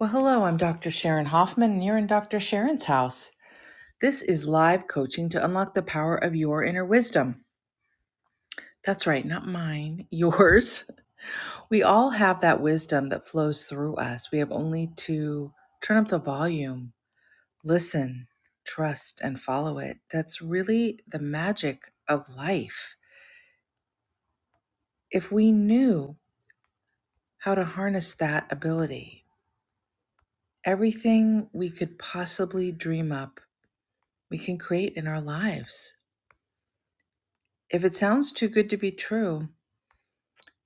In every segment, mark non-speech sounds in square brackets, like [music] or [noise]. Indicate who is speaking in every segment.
Speaker 1: Well, hello, I'm Dr. Sharon Hoffman, and you're in Dr. Sharon's house. This is live coaching to unlock the power of your inner wisdom. That's right, not mine, [laughs] yours. We all have that wisdom that flows through us. We have only to turn up the volume, listen, trust, and follow it. That's really the magic of life. If we knew how to harness that ability, everything we could possibly dream up, we can create in our lives. If it sounds too good to be true,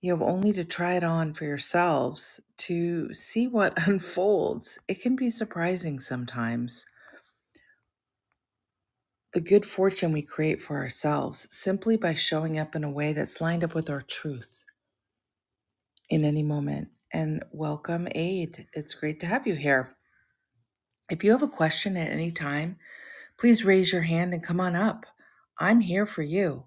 Speaker 1: you have only to try it on for yourselves to see what [laughs] unfolds. It can be surprising sometimes. The good fortune we create for ourselves simply by showing up in a way that's lined up with our truth in any moment. And welcome, Aid. It's great to have you here. If you have a question at any time, please raise your hand and come on up. I'm here for you.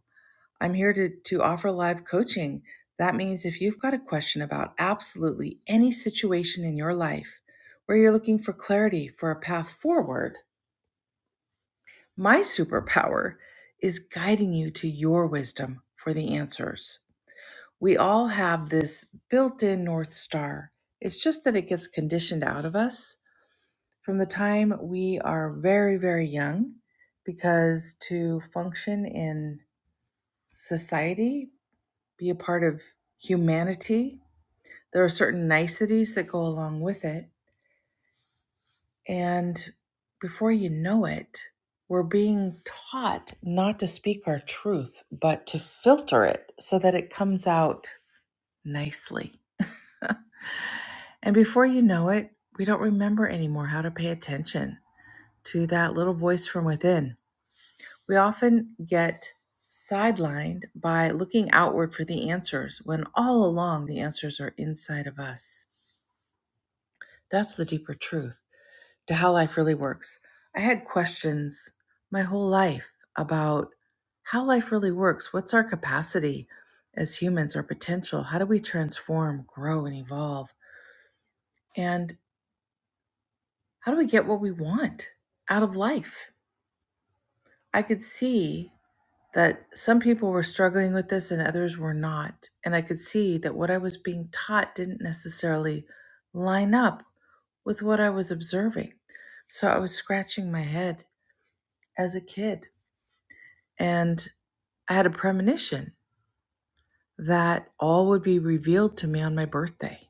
Speaker 1: I'm here to, to offer live coaching. That means if you've got a question about absolutely any situation in your life where you're looking for clarity for a path forward, my superpower is guiding you to your wisdom for the answers. We all have this built in North Star. It's just that it gets conditioned out of us from the time we are very, very young because to function in society be a part of humanity. There are certain niceties that go along with it. And before you know it, we're being taught not to speak our truth, but to filter it so that it comes out nicely. And before you know it, we don't remember anymore how to pay attention to that little voice from within. We often get sidelined by looking outward for the answers when all along the answers are inside of us. That's the deeper truth to how life really works. I had questions my whole life about how life really works. What's our capacity as humans, our potential? How do we transform, grow, and evolve? And how do we get what we want out of life? I could see that some people were struggling with this and others were not. And I could see that what I was being taught didn't necessarily line up with what I was observing. So I was scratching my head as a kid. And I had a premonition that all would be revealed to me on my birthday.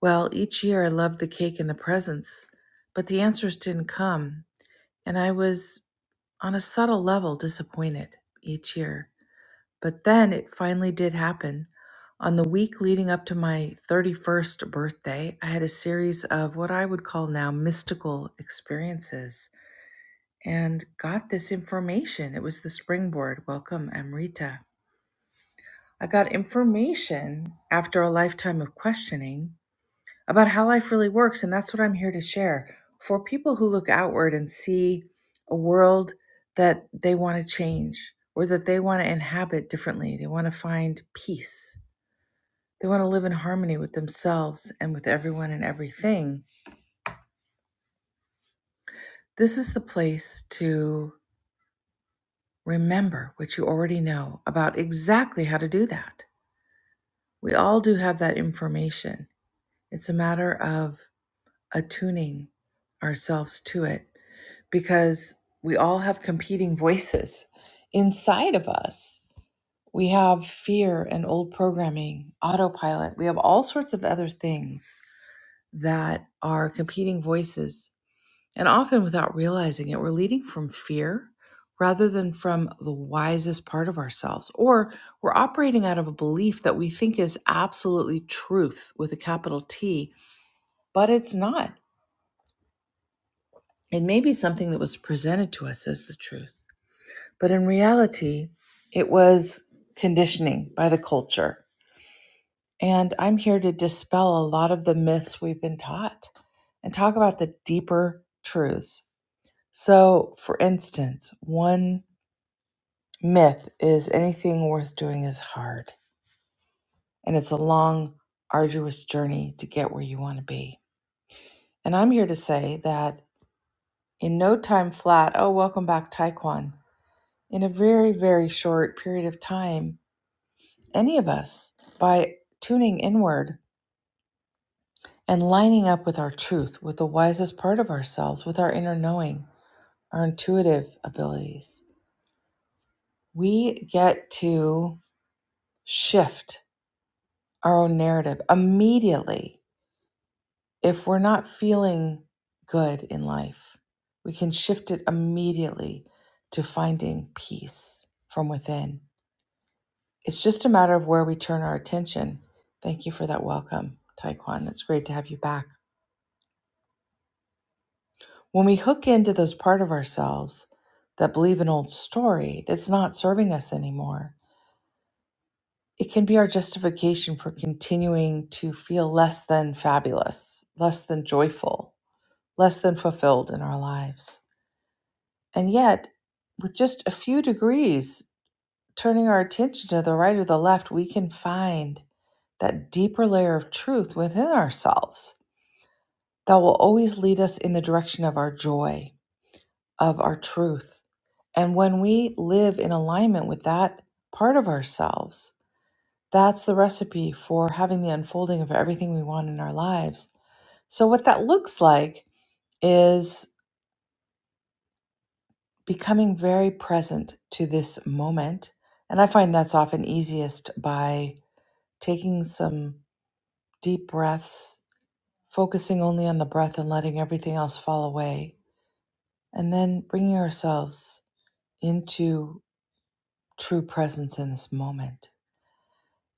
Speaker 1: Well, each year I loved the cake and the presents, but the answers didn't come. And I was, on a subtle level, disappointed each year. But then it finally did happen. On the week leading up to my 31st birthday, I had a series of what I would call now mystical experiences and got this information. It was the springboard. Welcome, Amrita I got information after a lifetime of questioning about how life really works. And that's what I'm here to share for people who look outward and see a world that they want to change or that they want to inhabit differently. They want to find peace. They want to live in harmony with themselves and with everyone and everything. This is the place to remember what you already know about exactly how to do that. We all do have that information. It's a matter of attuning ourselves to it because we all have competing voices inside of us. We have fear and old programming, autopilot. We have all sorts of other things that are competing voices. And often without realizing it, we're leading from fear rather than from the wisest part of ourselves. Or we're operating out of a belief that we think is absolutely truth with a capital T, but it's not. It may be something that was presented to us as the truth, but in reality, it was conditioning by the culture. And I'm here to dispel a lot of the myths we've been taught and talk about the deeper truths. So, for instance, one myth is anything worth doing is hard, and it's a long, arduous journey to get where you want to be. And I'm here to say that in no time flat, oh, welcome back, Taekwon in a very, very short period of time, any of us, by tuning inward and lining up with our truth, with the wisest part of ourselves, with our inner knowing, our intuitive abilities, we get to shift our own narrative immediately. If we're not feeling good in life, we can shift it immediately to finding peace from within. It's just a matter of where we turn our attention. Thank you for that welcome, Taekwon. It's great to have you back. When we hook into those part of ourselves that believe an old story that's not serving us anymore, it can be our justification for continuing to feel less than fabulous, less than joyful, less than fulfilled in our lives. And yet, with just a few degrees turning our attention to the right or the left, we can find that deeper layer of truth within ourselves Thou will always lead us in the direction of our joy, of our truth. And when we live in alignment with that part of ourselves, that's the recipe for having the unfolding of everything we want in our lives. So, what that looks like is becoming very present to this moment. And I find that's often easiest by taking some deep breaths, focusing only on the breath and letting everything else fall away, and then bringing ourselves into true presence in this moment.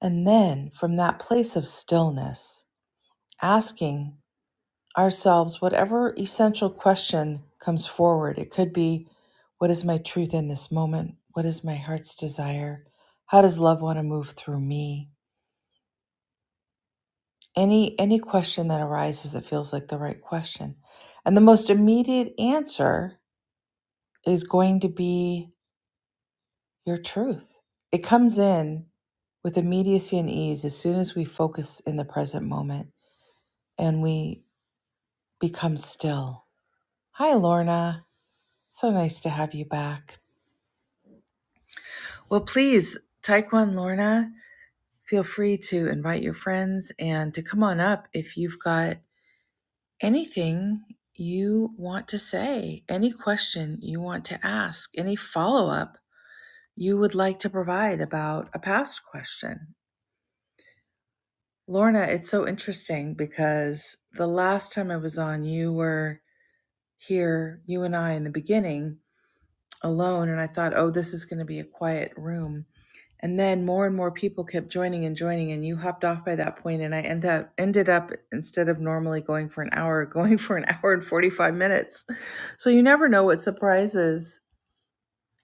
Speaker 1: And then from that place of stillness, asking ourselves whatever essential question comes forward. It could be what is my truth in this moment? What is my heart's desire? How does love want to move through me? Any any question that arises that feels like the right question. And the most immediate answer is going to be your truth. It comes in with immediacy and ease as soon as we focus in the present moment and we become still. Hi, Lorna. So nice to have you back. Well, please, Taekwon Lorna, feel free to invite your friends and to come on up if you've got anything you want to say, any question you want to ask, any follow up you would like to provide about a past question. Lorna, it's so interesting because the last time I was on, you were here, you and I in the beginning alone, and I thought, oh, this is going to be a quiet room. And then more and more people kept joining and joining, and you hopped off by that point, and I end up ended up instead of normally going for an hour, [laughs] going for an hour and forty five minutes. So you never know what surprises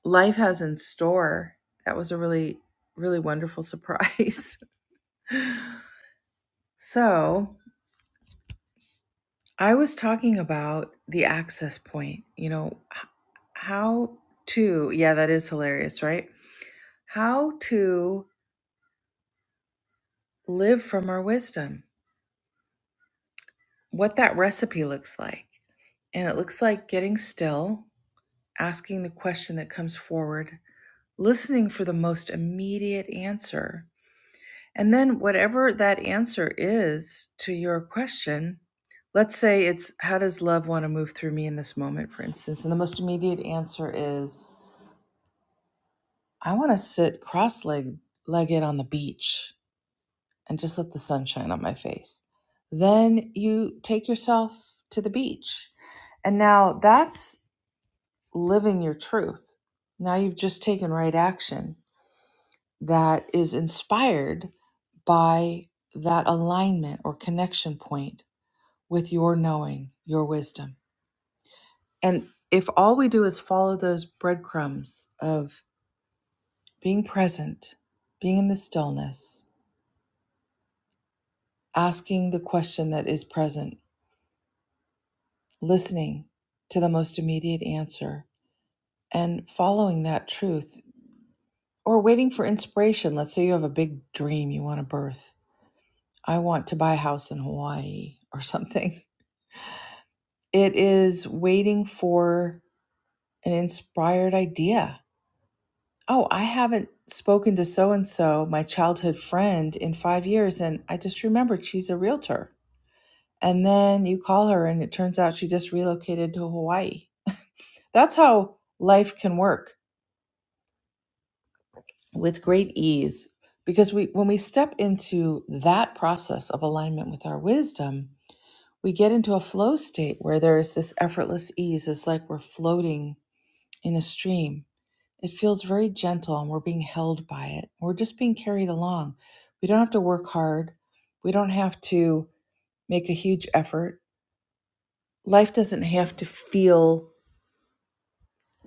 Speaker 1: life has in store. That was a really, really wonderful surprise. [laughs] so I was talking about the access point, you know, h- how to, yeah, that is hilarious, right? How to live from our wisdom, what that recipe looks like. And it looks like getting still, asking the question that comes forward, listening for the most immediate answer. And then, whatever that answer is to your question, let's say it's how does love want to move through me in this moment, for instance? And the most immediate answer is, I want to sit cross legged on the beach and just let the sun shine on my face. Then you take yourself to the beach. And now that's living your truth. Now you've just taken right action that is inspired by that alignment or connection point with your knowing, your wisdom. And if all we do is follow those breadcrumbs of being present, being in the stillness, asking the question that is present, listening to the most immediate answer, and following that truth, or waiting for inspiration. Let's say you have a big dream you want to birth. I want to buy a house in Hawaii [laughs] or something. It is waiting for an inspired idea. Oh, I haven't spoken to so and so, my childhood friend, in five years, and I just remembered she's a realtor. And then you call her, and it turns out she just relocated to Hawaii That's how life can work with great ease because we when we step into that process of alignment with our wisdom, we get into a flow state where there is this effortless ease. It's like we're floating in a stream. It feels very gentle and we're being held by it. We're just being carried along. We don't have to work hard. We don't have to make a huge effort. Life doesn't have to feel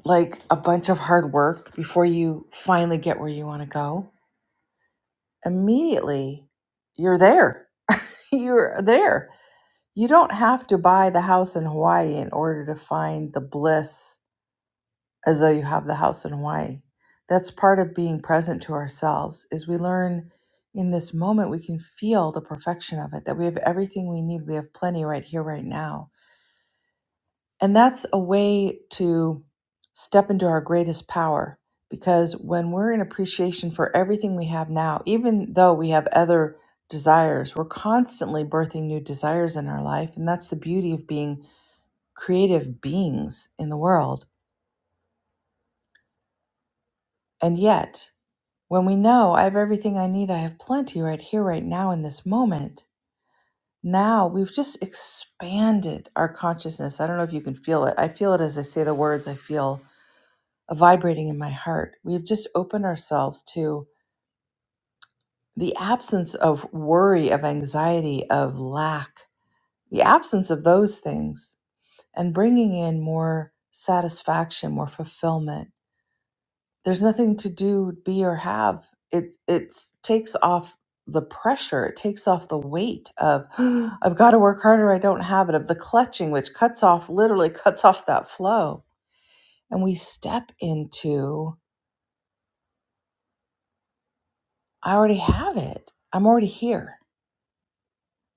Speaker 1: like a bunch of hard work before you finally get where you want to go immediately you're there. [laughs] You're there. You don't have to buy the house in Hawaii in order to find the bliss as though you have the house in Hawaii. That's part of being present to ourselves is we learn in this moment we can feel the perfection of it that we have everything we need. We have plenty right here right now and that's a way to step into our greatest power because when we're in appreciation for everything we have now, even though we have other desires, we're constantly birthing new desires in our life. And that's the beauty of being creative beings in the world. And yet, when we know I have everything I need, I have plenty right here, right now, in this moment, now we've just expanded our consciousness. I don't know if you can feel it. I feel it as I say the words. I feel a vibrating in my heart. We've just opened ourselves to the absence of worry, of anxiety, of lack, the absence of those things, and bringing in more satisfaction, more fulfillment. There's nothing to do, be, or have. It it takes off the pressure. It takes off the weight of [gasps] I've got to work harder. I don't have it. Of the clutching, which cuts off literally [laughs] cuts off that flow, and we step into I already have it. I'm already here.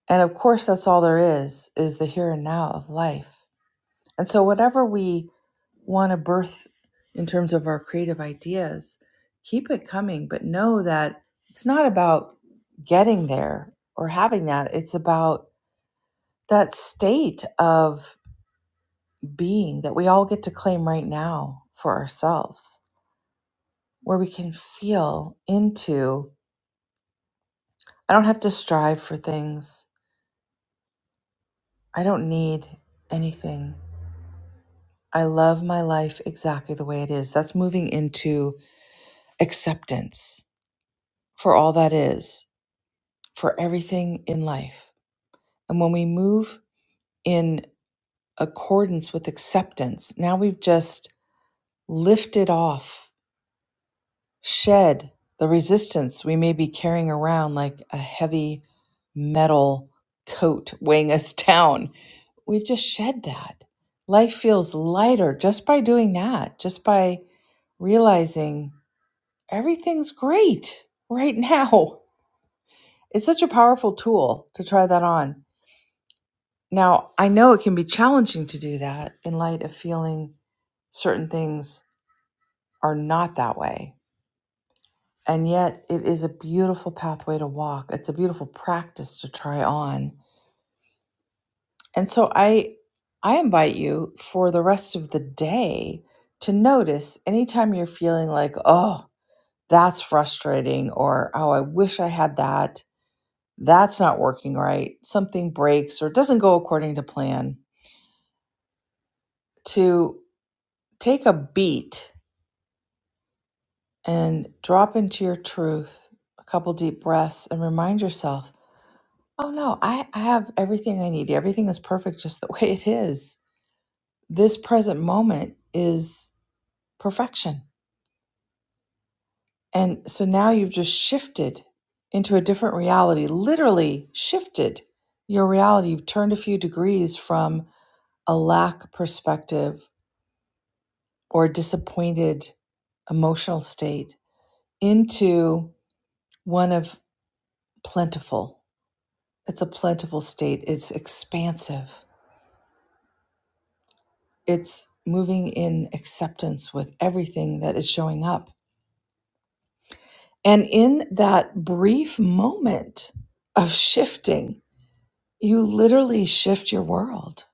Speaker 1: And of course, that's all there is, is the here and now of life. And so, whatever we want to birth in terms of our creative ideas, keep it coming, but know that it's not about getting there or having that. It's about that state of being that we all get to claim right now for ourselves, where we can feel into I don't have to strive for things, I don't need anything. I love my life exactly the way it is. That's moving into acceptance for all that is, for everything in life. And when we move in accordance with acceptance, now we've just lifted off, shed the resistance we may be carrying around like a heavy metal coat weighing us [laughs] down. We've just shed that. Life feels lighter just by doing that, just by realizing everything's great right [laughs] now. It's such a powerful tool to try that on. Now, I know it can be challenging to do that in light of feeling certain things are not that way. And yet, it is a beautiful pathway to walk. It's a beautiful practice to try on. And so I I invite you for the rest of the day to notice anytime you're feeling like, "Oh, that's frustrating," or "Oh, I wish I had that." that's not working right, something breaks or doesn't go according to plan, to take a beat and drop into your truth, a couple deep breaths, and remind yourself, oh no, I, I have everything I need. Everything is perfect just the [laughs] way it is. This present moment is perfection. And so now you've just shifted into a different reality, literally shifted your reality. You've turned a few degrees from a lack perspective or disappointed emotional state into one of plentiful. It's a plentiful state, it's expansive, it's moving in acceptance with everything that is showing up. And in that brief moment of shifting, you literally shift your world.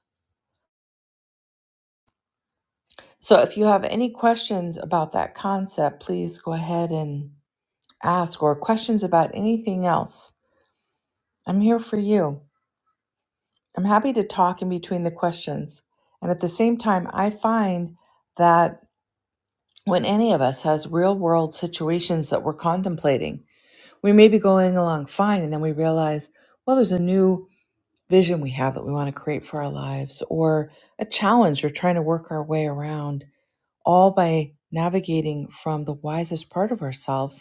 Speaker 1: So if you have any questions about that concept, please go ahead and ask, or questions about anything else. I'm here for you. I'm happy to talk in between the questions. And at the same time, I find that when any of us has real world situations that we're contemplating, we may be going along fine. And then we realize, well, there's a new vision we have that we want to create for our lives or a challenge we're trying to work our way around, all by navigating from the wisest part of ourselves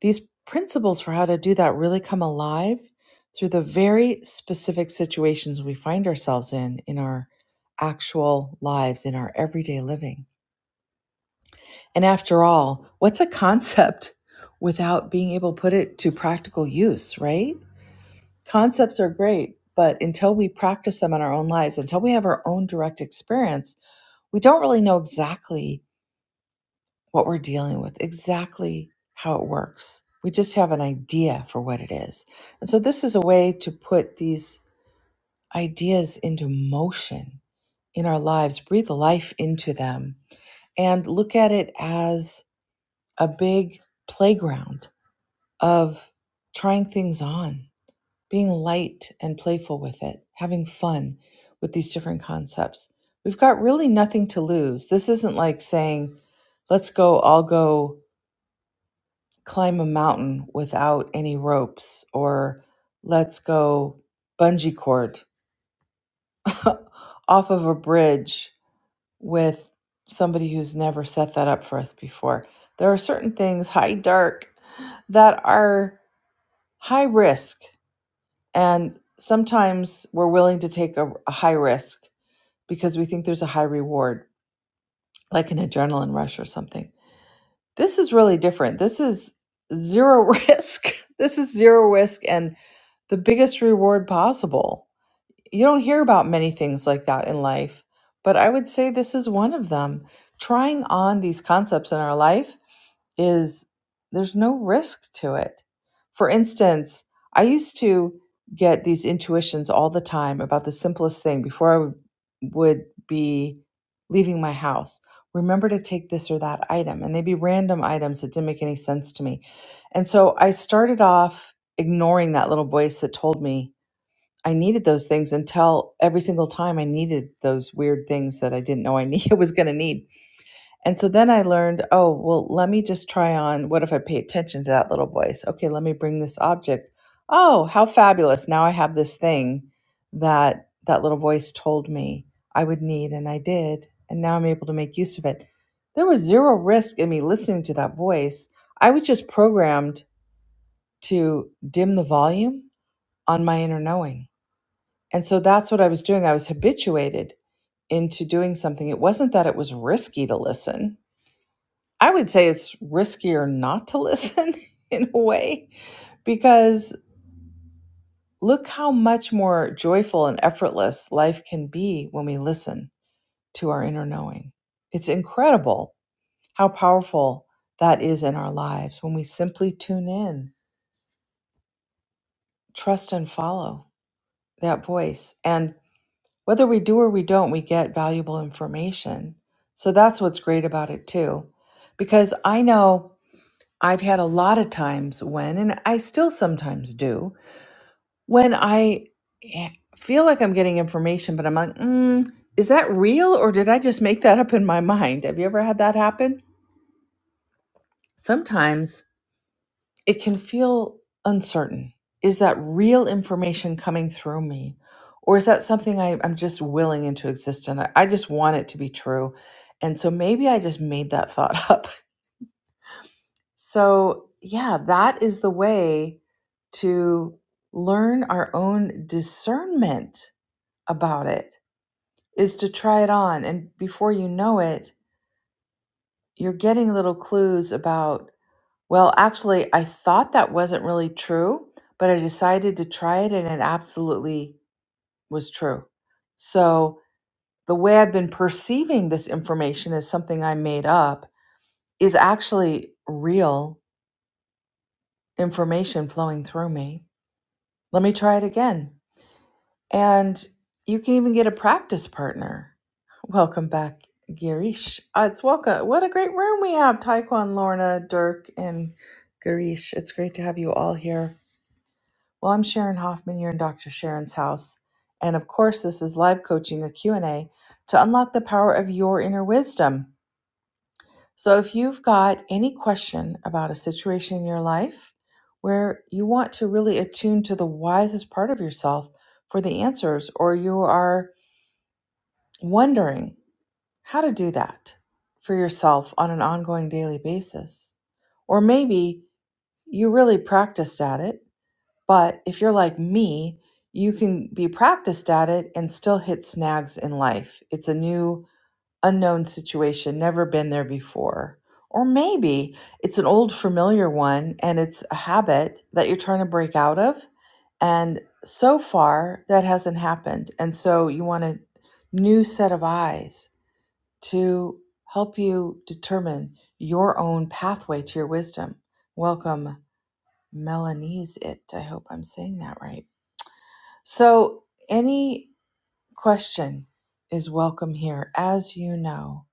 Speaker 1: these principles for how to do that really come alive through the very specific situations we find ourselves in in our actual lives in our everyday living and after all what's a concept [laughs] without being able to put it to practical use right concepts are great but until we practice them in our own lives until we have our own direct experience we don't really know exactly what we're dealing with, exactly how it works. We just have an idea for what it is. And so, this is a way to put these ideas into motion in our lives, breathe life into them, and look at it as a big playground of trying things on, being light and playful with it, having fun with these different concepts. We've got really nothing to lose. This isn't like saying, let's go, I'll go climb a mountain without any ropes or let's go bungee cord [laughs] off of a bridge with somebody who's never set that up for us before. There are certain things, high dark, that are high risk. And sometimes we're willing to take a, a high risk because we think there's a high reward, like an adrenaline rush or something This is really different. This is zero [laughs] risk. This is zero risk and the biggest reward possible you don't hear about many things like that in life, but I would say this is one of them. Trying on these concepts in our life is there's no risk to it. For instance, I used to get these intuitions all the time about the simplest thing before I would, would be leaving my house. Remember to take this or that item, and they'd be random items that didn't make any sense to me. And so I started off ignoring that little voice that told me I needed those things until every single time I needed those weird things that I didn't know I need, [laughs] was going to need. And so then I learned, oh, well, let me just try on what if I pay attention to that little voice? Okay, let me bring this object. Oh, how fabulous. Now I have this thing that that little voice told me I would need and I did, and now I'm able to make use of it. There was zero risk in me listening to that voice. I was just programmed to dim the volume on my inner knowing and so that's what I was doing. I was habituated into doing something. It wasn't that it was risky to listen. I would say it's riskier not to listen [laughs] in a way, because look how much more joyful and effortless life can be when we listen to our inner knowing. It's incredible how powerful that is in our lives when we simply tune in, trust, and follow that voice. And whether we do or we don't, we get valuable information. So that's what's great about it too. Because I know I've had a lot of times when, and I still sometimes do, when I eh, feel like I'm getting information, but I'm like, mm, is that real or did I just make that up in my mind? Have you ever had that happen? Sometimes it can feel uncertain. Is that real information coming through me? Or is that something I, I'm just willing into existence? I, I just want it to be true. And so maybe I just made that thought [laughs] up. So, yeah, that is the way to learn our own discernment about it is to try it on. And before you know it, you're getting little clues about Well, actually, I thought that wasn't really true, but I decided to try it and it absolutely was true. So, the way I've been perceiving this information as something I made up is actually real information flowing through me. Let me try it again. And you can even get a practice partner. Welcome back, Girish. Uh, it's welcome. What a great room we have, Taekwon, Lorna, Dirk, and Girish. It's great to have you all here. Well, I'm Sharon Hoffman. You're in Dr. Sharon's house. And of course, this is live coaching, a Q and a to unlock the power of your inner wisdom. So if you've got any question about a situation in your life where you want to really attune to the wisest part of yourself for the answers, or you are wondering how to do that for yourself on an ongoing daily basis, or maybe you really practiced at it But if you're like me, you can be practiced at it and still hit snags in life. It's a new, unknown situation, never been there before. Or maybe it's an old, familiar one and it's a habit that you're trying to break out of. And so far, that hasn't happened. And so you want a new set of eyes to help you determine your own pathway to your wisdom. Welcome, Melanese It. I hope I'm saying that right. So, any question is welcome here, as you know.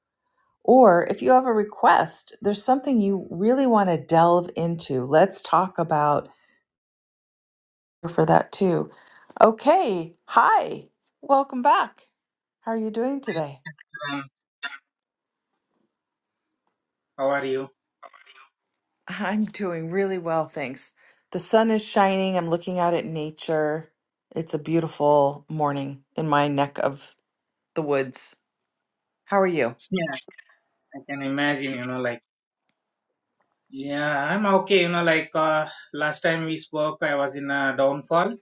Speaker 1: Or if you have a request, there's something you really want to delve into. Let's talk about for that too. Okay. Hi. Welcome back. How are you doing today?
Speaker 2: Um, how are you?
Speaker 1: I'm doing really well, thanks. The sun is shining. I'm looking out at nature. It's a beautiful morning in my neck of the woods. How are you?
Speaker 2: Yeah, I can imagine, you know, like, yeah, I'm okay, you know, like, uh, last time we spoke, I was in a downfall.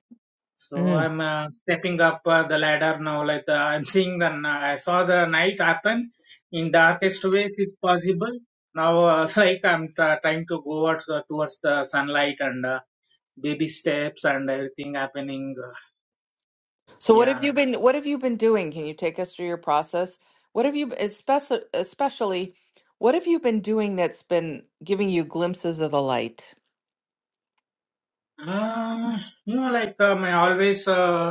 Speaker 2: So I'm uh, stepping up uh, the ladder now, like, uh, I'm seeing the, n- I saw the night happen in darkest ways if possible. Now, uh, [laughs] like, I'm t- trying to go towards the, towards the sunlight and uh, baby steps and everything happening. Uh,
Speaker 1: So what have
Speaker 2: yeah.
Speaker 1: you been what have you been doing? Can you take us through your process? What have you especially especially what have you been doing that's been giving you glimpses of the light?
Speaker 2: Uh, you know, like, um, I always, uh,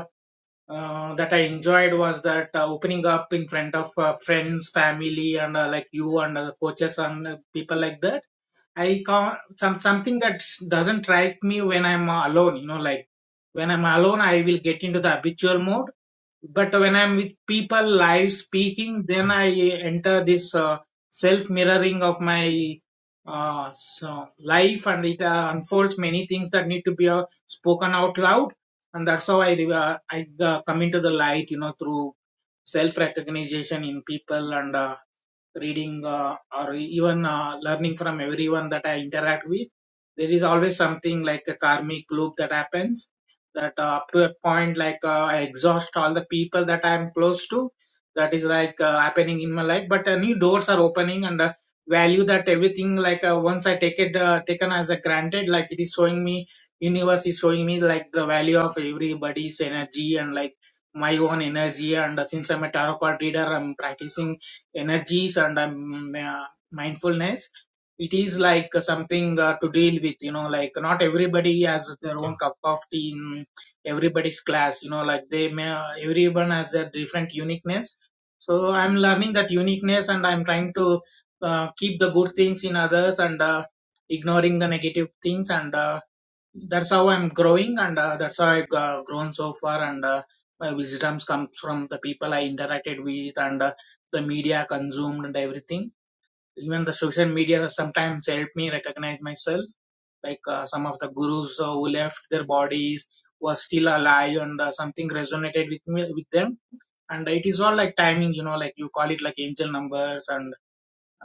Speaker 2: uh, that I enjoyed was that uh, opening up in front of uh, friends, family, and uh, like you and uh, coaches and uh, people like that. I can't some something that doesn't strike me when I'm uh, alone. You know, like when I'm alone, I will get into the habitual mode but when I'm with people live speaking, then I enter this uh, self mirroring of my uh, so life, and it uh, unfolds many things that need to be uh, spoken out loud, and that's how I uh, I uh, come into the light, you know, through self recognition in people and. Uh, reading uh, or even uh, learning from everyone that I interact with, there is always something like a karmic loop that happens. That uh, up to a point, like uh, I exhaust all the people that I am close to. That is like uh, happening in my life, but uh, new doors are opening and. Uh, value that everything like uh, once i take it uh, taken as a granted like it is showing me universe is showing me like the value of everybody's energy and like my own energy and uh, since i'm a tarot card reader i'm practicing energies and um, uh, mindfulness it is like something uh, to deal with you know like not everybody has their own cup of tea in everybody's class you know like they may everyone has their different uniqueness so i'm learning that uniqueness and i'm trying to uh, keep the good things in others and uh, ignoring the negative things and uh, that's how I'm growing, and uh, that's how I've uh, grown so far. And uh, my wisdoms comes from the people I interacted with, and uh, the media consumed, and everything. Even the social media sometimes help me recognize myself, like uh, some of the gurus uh, who left their bodies were still alive, and uh, something resonated with me with them. And it is all like timing, you know, like you call it like angel numbers, and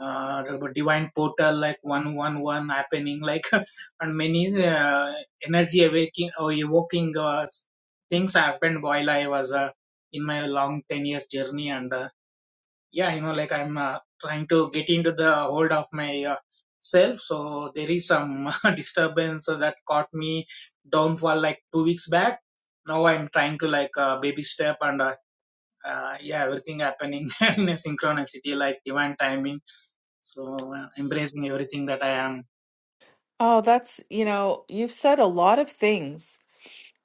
Speaker 2: uh, divine portal like 111 happening like [laughs] and many uh, energy awaking or evoking uh, things happened while i was uh, in my long 10 years journey and uh, yeah you know like i'm uh, trying to get into the hold of my uh, self so there is some [laughs] disturbance that caught me down for like two weeks back now i'm trying to like uh, baby step and uh, uh, yeah everything happening [laughs] in a synchronicity like divine timing so uh, embracing everything that I am.
Speaker 1: Oh, that's, you know, you've said a lot of things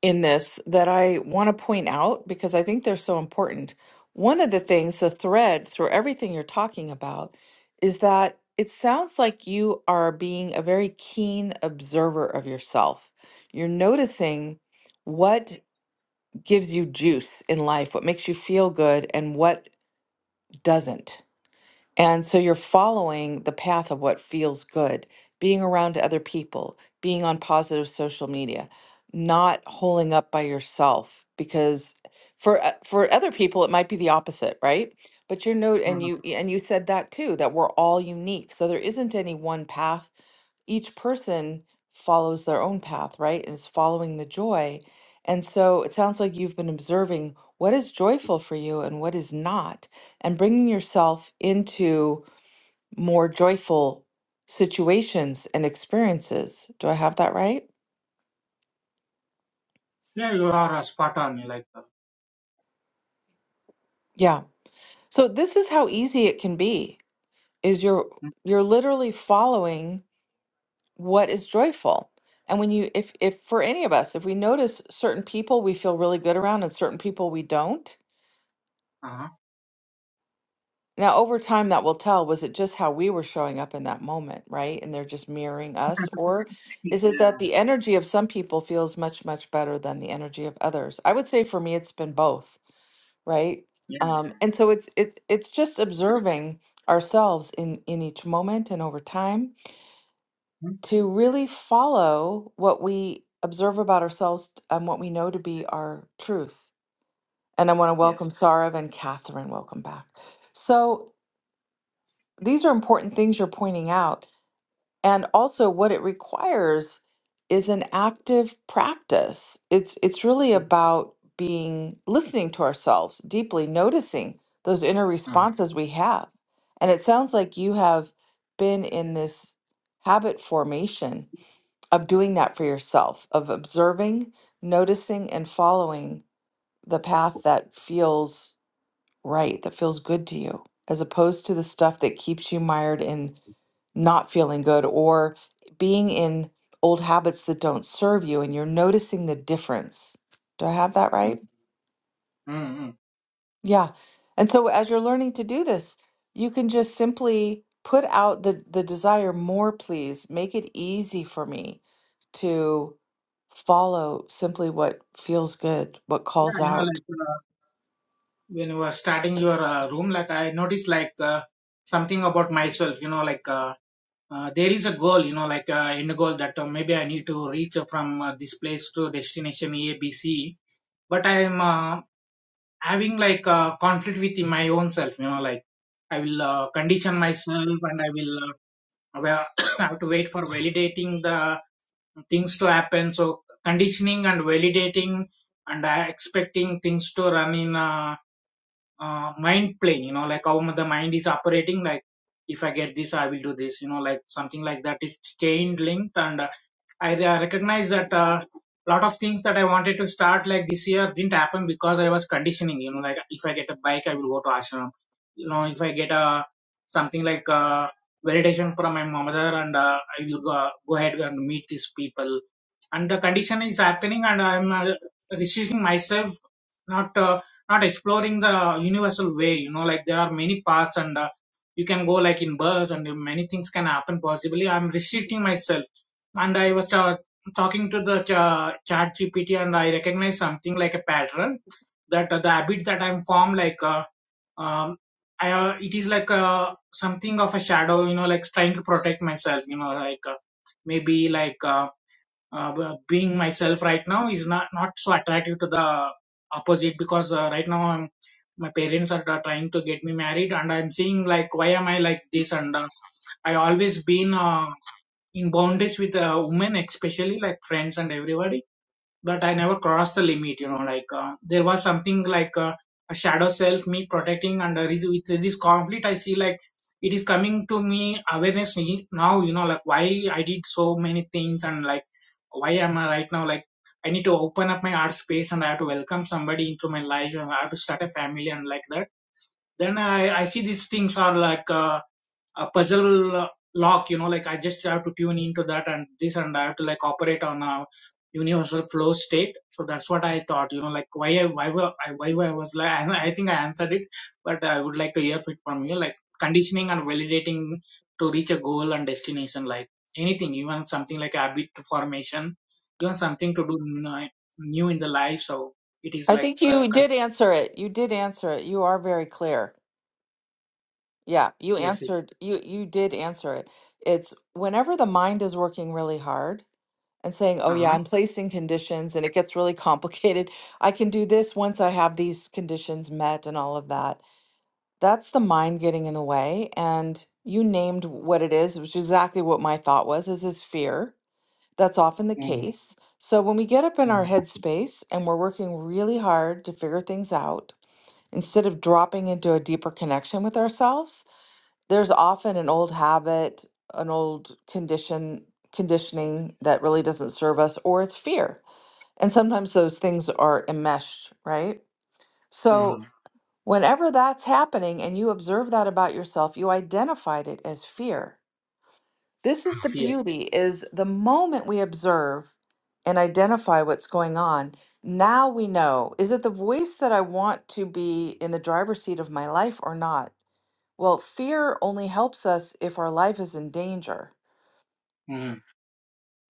Speaker 1: in this that I want to point out because I think they're so important. One of the things, the thread through everything you're talking about is that it sounds like you are being a very keen observer of yourself. You're noticing what gives you juice in life, what makes you feel good, and what doesn't. And so you're following the path of what feels good, being around other people, being on positive social media, not holding up by yourself because for o- for other people it might be the opposite, right? But you're no and
Speaker 2: Mhm.
Speaker 1: you and you said that too that we're all unique. So there isn't any one path each person follows their own path, right? Is following the joy. And so it sounds like you've been observing what is joyful for you and what is not, and bringing yourself into more joyful situations and experiences. Do I have that right?
Speaker 2: Yeah, you are uh, spot on. You Like, uh,
Speaker 1: Yeah. So this is how easy it can be is you're
Speaker 2: mm
Speaker 1: you're literally following what is joyful. And when you if if for any of us, if we notice certain people we feel really good around and certain people we don't,
Speaker 2: uh-huh.
Speaker 1: Now, over time, that will tell. Was it just how we were showing up in that moment, right? And they're just mirroring us? Or
Speaker 2: [laughs]
Speaker 1: is it
Speaker 2: yeah,
Speaker 1: that the energy of some people feels much, much better than the energy of others? I would say for me, it's been both, right?
Speaker 2: yeah,
Speaker 1: Um, and so it's it's it's just observing ourselves in in each moment and over time
Speaker 2: Mm,
Speaker 1: to really follow what we observe about ourselves and what we know to be our truth. And I want to welcome
Speaker 2: yes.
Speaker 1: Sarah and Catherine. Welcome back. So these are important things you're pointing out. And also what it requires is an active practice. It's it's really
Speaker 2: mm
Speaker 1: about being listening to ourselves deeply, noticing those inner
Speaker 2: mm
Speaker 1: responses we have. And it sounds like you have been in this habit formation of doing that for yourself, of observing, noticing, and following the path that feels right, that feels good to you, as opposed to the stuff that keeps you mired in not feeling good or being in old habits that don't serve you and you're noticing the difference. Do I have that
Speaker 2: mm
Speaker 1: right?
Speaker 2: mm
Speaker 1: Yeah. And so as you're learning to do this, you can just simply put out the the desire more please, make it easy for me to follow simply what feels good, what
Speaker 2: Yeah,
Speaker 1: calls
Speaker 2: you know,
Speaker 1: out.
Speaker 2: like uh, when you were starting your uh, room, like I noticed, like uh, something about myself. You know, like uh, uh, there is a goal. You know, like uh, end goal that uh, maybe I need to reach from uh, this place to destination A, B, C. But I am uh, having like a conflict with my own self you know like i will uh, condition myself and i will uh, well, [coughs] have to wait for validating the things to happen so conditioning and validating and uh, expecting things to run in uh, uh, mind playing you know like how the mind is operating like if i get this i will do this you know like something like that is chain linked and uh, I uh, recognize that a uh, lot of things that I wanted to start like this year didn't happen because I was conditioning. You know, like if I get a bike, I will go to ashram. You know, if I get a something like uh validation from my mother, and uh, I will go, go ahead and meet these people. And the condition is happening, and I'm uh, restricting myself, not uh, not exploring the universal way. You know, like there are many paths, and uh, you can go like in bus, and many things can happen possibly. I'm restricting myself and I was uh, talking to the ch- chat GPT and I recognized something like a pattern that uh, the habit that I'm formed like uh, um, I, uh, it is like uh, something of a shadow you know like trying to protect myself you know like uh, maybe like uh, uh, being myself right now is not not so attractive to the opposite because uh, right now I'm my parents are uh, trying to get me married and I'm seeing like why am I like this and uh, I always been uh, in boundaries with uh, women, especially like friends and everybody. But I never crossed the limit, you know. Like uh, there was something like uh, a shadow self, me protecting, and uh, with this conflict, I see like it is coming to me awareness ne- now, you know, like why I did so many things and like why am I right now like I need to open up my art space and I have to welcome somebody into my life and I have to start a family and like that. Then I I see these things are like. Uh, a puzzle uh, lock you know like i just have to tune into that and this and i have to like operate on a universal flow state so that's what i thought you know like why i why were, i why were i was like [laughs] i think i answered it but i would like to hear it from you like conditioning and validating to reach a goal and destination like anything even something like habit formation even something to do n- new in the life so it is
Speaker 1: I
Speaker 2: like
Speaker 1: think
Speaker 2: uh,
Speaker 1: you
Speaker 2: con-
Speaker 1: did answer it. You did answer it. You are very clear. Yeah, you
Speaker 2: yes it-
Speaker 1: answered you you did answer it. It's whenever the mind is working really hard and saying, "Oh yeah,
Speaker 2: uh-huh.
Speaker 1: I'm placing conditions and it gets really [laughs] complicated. I can do this once I have these conditions met and all of that." That's the mind getting in the way and you named what it is, which is exactly what my thought was, is is fear. That's often the
Speaker 2: hmm
Speaker 1: case. So when we get up in our
Speaker 2: hmm
Speaker 1: headspace and we're working really hard to figure things out, instead of dropping into a deeper connection with ourselves, there's often an old habit, an old condition, conditioning that really doesn't serve us, or it's fear. And sometimes those things are enmeshed, right? So,
Speaker 2: hmm
Speaker 1: whenever that's happening and you observe that about yourself, you identified it as fear. This is the
Speaker 2: yeah
Speaker 1: beauty is the moment we observe and identify what's going on, now we know is it the voice that I want to be in the driver's seat of my life or not? Well, fear only helps us if our life is in danger.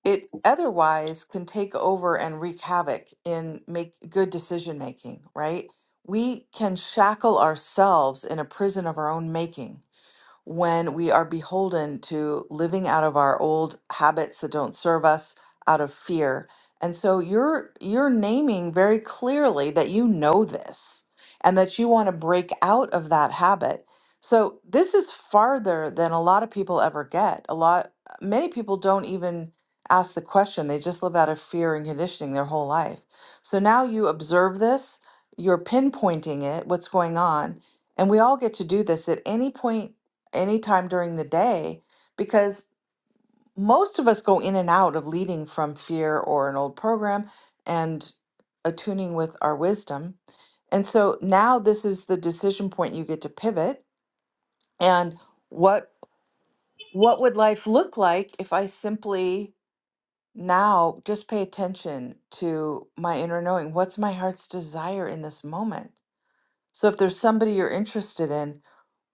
Speaker 1: It otherwise can take over and wreak havoc in make good decision making, right? We can shackle ourselves in a prison of our own making when we are beholden to living out of our old habits that don't serve us out of fear. And so you're you're naming very clearly that you know this and that you want to break out of that habit. So this is farther than a lot of people ever get. A lot many people don't even ask the question. They just live out of fear and conditioning their whole life. So now you observe this, you're pinpointing it, what's going on, and we all get to do this at any point anytime during the day because most of us go in and out of leading from fear or an old program and attuning with our wisdom. And so now this is the decision point you get to pivot and what what would life look like if I simply now just pay attention to my inner knowing what's my heart's desire in this moment so if there's somebody you're interested in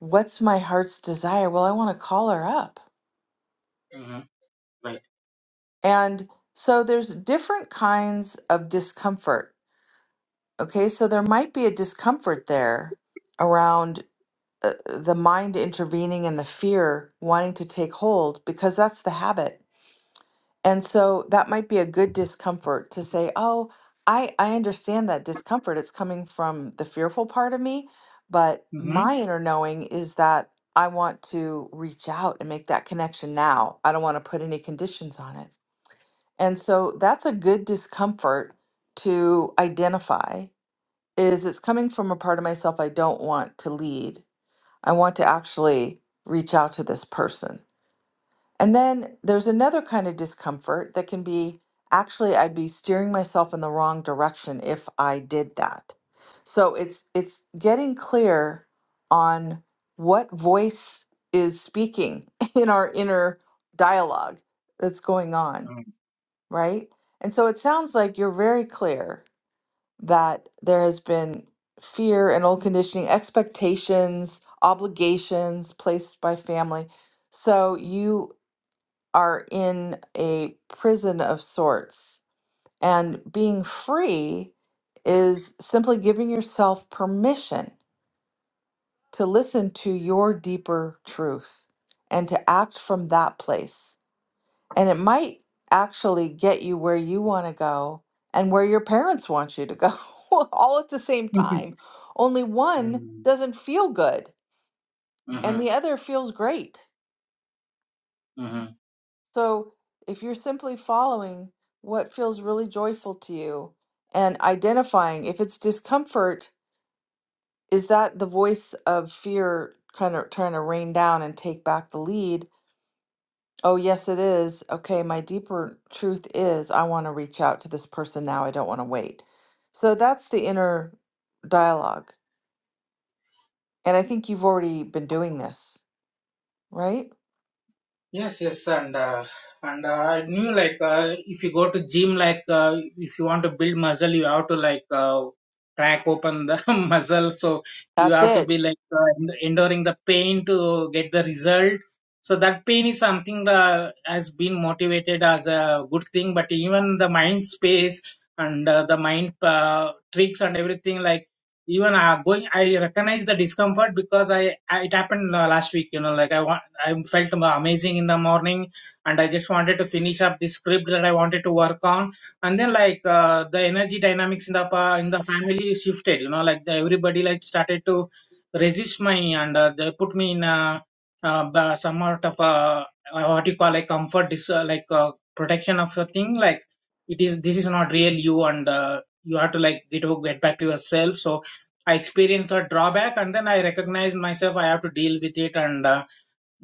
Speaker 1: what's my heart's desire well i want to call her up
Speaker 2: hmm
Speaker 1: And so there's different kinds of discomfort. Okay, so there might be a discomfort there around uh, the mind intervening and the fear wanting to take hold because that's the habit. And so that might be a good discomfort to say, "Oh, I I understand that discomfort. It's coming from the fearful part of me, but
Speaker 2: Mhm.
Speaker 1: my inner knowing is that I want to reach out and make that connection now. I don't want to put any conditions on it." And so that's a good discomfort to identify is it's coming from a part of myself I don't want to lead. I want to actually reach out to this person. And then there's another kind of discomfort that can be actually I'd be steering myself in the wrong direction if I did that. So it's it's getting clear on what voice is speaking [laughs] in our inner dialogue that's going on right? And so it sounds like you're very clear that there has been fear and old conditioning, expectations, obligations placed by family. So you are in a prison of sorts. And being free is simply giving yourself permission to listen to your deeper truth and to act from that place And it might actually get you where you want to go and where your parents want you to go [laughs] all at the same
Speaker 2: Mhm.
Speaker 1: time. Only one
Speaker 2: Mhm.
Speaker 1: doesn't feel good and the other feels great.
Speaker 2: Mhm. [laughs]
Speaker 1: So if you're simply following what feels really joyful to you and identifying if it's discomfort, is that the voice of fear kind of trying to rain down and take back the lead? Oh, yes, it is. Okay, my deeper truth is I want to reach out to this person now. I don't want to wait. So that's the inner dialogue. And I think you've already been doing this, right?
Speaker 2: Yes, yes, and uh, and uh, I knew like uh, if you go to gym, like uh, if you want to build muscle, you have to like uh, crack open the [laughs] muscle. So you
Speaker 1: That's
Speaker 2: have to
Speaker 1: it.
Speaker 2: be like uh, en- enduring the pain to get the result. So that pain is something that has been motivated as a good thing. But even the mind space and uh, the mind uh, tricks and everything, like even uh, going, I recognize the discomfort because I, I it happened uh, last week. You know, like I want. I felt amazing in the morning, and I just wanted to finish up the script that I wanted to work on. And then like uh, the energy dynamics in the pa- in the family shifted. You know, like the, everybody like started to resist my and uh, they put me in a, uh, ba- somewhat of a uh, what you call a comfort dis- uh, like uh, protection of your thing. Like it is this is not real you and uh, you have to like get get back to yourself. So I experienced a drawback and then I recognized myself I have to deal with it and. Uh,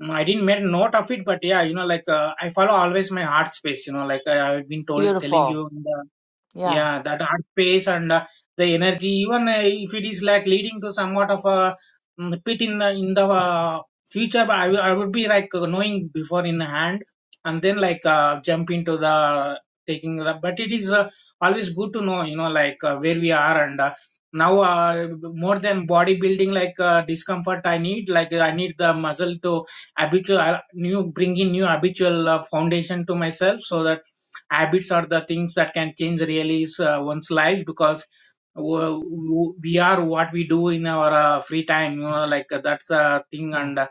Speaker 2: Mm, I didn't make a note of it, but yeah, you know, like uh, I follow always my heart space. You know, like I, I've been told telling
Speaker 1: Beautiful.
Speaker 2: you in the
Speaker 1: Yeah.
Speaker 2: yeah, that art space and uh, the energy, even uh, if it is like leading to somewhat of a mm, pit in the in the uh, future, but I, will- I would be like uh, knowing before in hand and then like uh, jump into the taking. The, but it is uh, always good to know, you know, like uh, where we are and uh, now uh, more than bodybuilding, like uh, discomfort, I need like I need the muscle to habitual, uh, new bring in new habitual uh, foundation to myself so that habits are the things that can change really uh, one's life because w- w- we are what we do in our uh, free time you know like uh, that's the thing
Speaker 1: Yeah.
Speaker 2: and uh,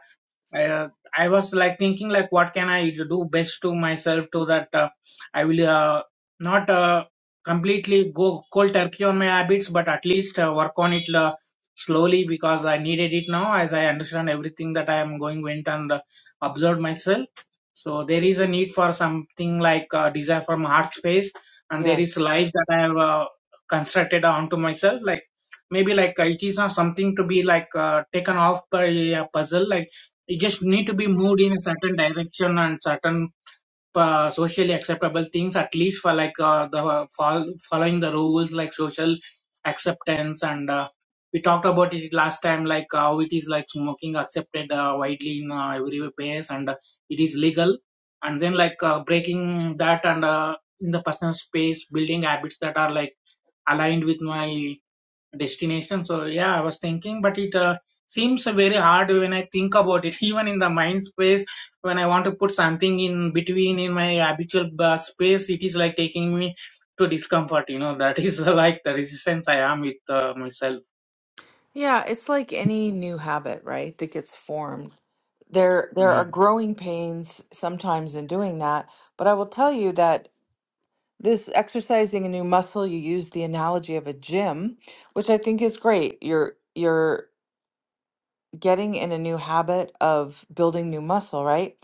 Speaker 2: uh, I was like thinking like what can I do best to myself to that uh, I will uh, not uh, completely go cold turkey on my habits, but at least uh, work on it uh, slowly because I needed it now as I understand everything that I am going went and uh, observed myself. So there is a need for something like uh, desire from heart space, and there is
Speaker 1: Yes.
Speaker 2: life that I have uh, constructed onto myself like. Maybe like uh, it is not something to be like uh, taken off by a puzzle, like you just need to be moved in a certain direction and certain uh, socially acceptable things at least for like uh, the uh, fol- following the rules like social acceptance and uh, we talked about it last time like how it is like smoking accepted uh, widely in uh, every place and uh, it is legal and then like uh, breaking that and uh, in the personal space building habits that are like aligned with my destination. So yeah, I was thinking, but it uh, seems very hard when I think about it. [laughs] Even in the mind space, when I want to put something in between in my habitual uh, space, it is like taking me to discomfort. You know, [laughs] that is uh, like the resistance I am with uh, myself.
Speaker 1: Yeah, it's like any new habit, right, that gets formed. There there are
Speaker 2: Mhm.
Speaker 1: growing pains sometimes in doing that, but I will tell you that this exercising a new muscle you use the analogy of a gym which i think is great you're you're getting in a new habit of building new muscle right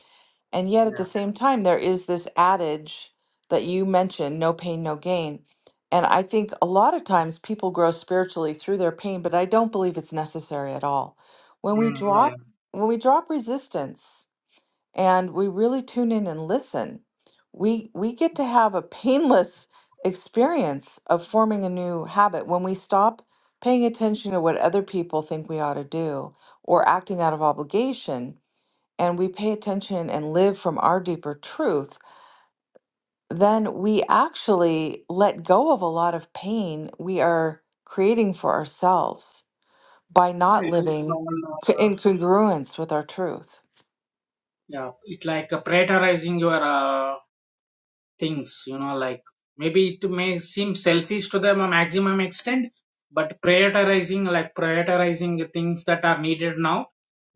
Speaker 1: and yet at the
Speaker 2: Yeah.
Speaker 1: same time there is this adage that you mentioned no pain no gain and i think a lot of times people grow spiritually through their pain but i don't believe it's necessary at all when we
Speaker 2: Mm, yeah, yeah.
Speaker 1: drop when we drop resistance and we really tune in and listen we we get to have a painless experience of forming a new habit when we stop paying attention to what other people think we ought to do or acting out of obligation and we pay attention and live from our deeper truth then we actually let go of a lot of pain we are creating for ourselves by
Speaker 2: Yeah,
Speaker 1: not
Speaker 2: It would
Speaker 1: living
Speaker 2: sound,
Speaker 1: co-
Speaker 2: uh,
Speaker 1: in congruence with our truth
Speaker 2: yeah, it like uh, prioritizing your. uh, things, you know, like maybe it may seem selfish to the maximum extent, but prioritizing, like prioritizing the things that are needed now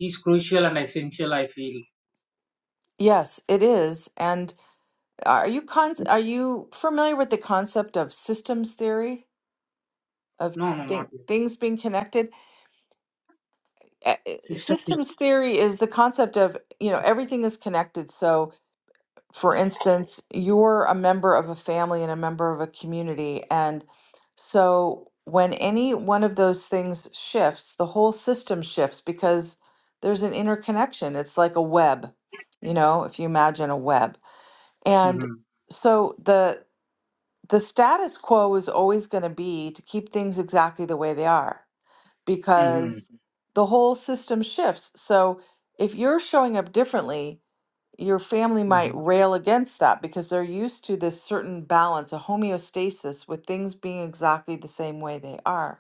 Speaker 2: is crucial and essential, I feel.
Speaker 1: yes it is and Are you con are you familiar with the concept of systems theory of
Speaker 2: No, no, not
Speaker 1: thing,
Speaker 2: yet.
Speaker 1: things being connected? Uh, uh,
Speaker 2: Sister,
Speaker 1: Systems theory is the concept of, you know, everything is connected. So, for instance, you're a member of a family and a member of a community, and so when any one of those things shifts, the whole system shifts because there's an interconnection. It's like a web, you know, if you imagine a web. And
Speaker 2: mm-hmm.
Speaker 1: so the the status quo is always going to be to keep things exactly the way they are
Speaker 2: Mm-hmm.
Speaker 1: because the whole system shifts. So if you're showing up differently, your family might
Speaker 2: Mm-hmm.
Speaker 1: rail against that because they're used to this certain balance, a homeostasis with things being exactly the same way they are.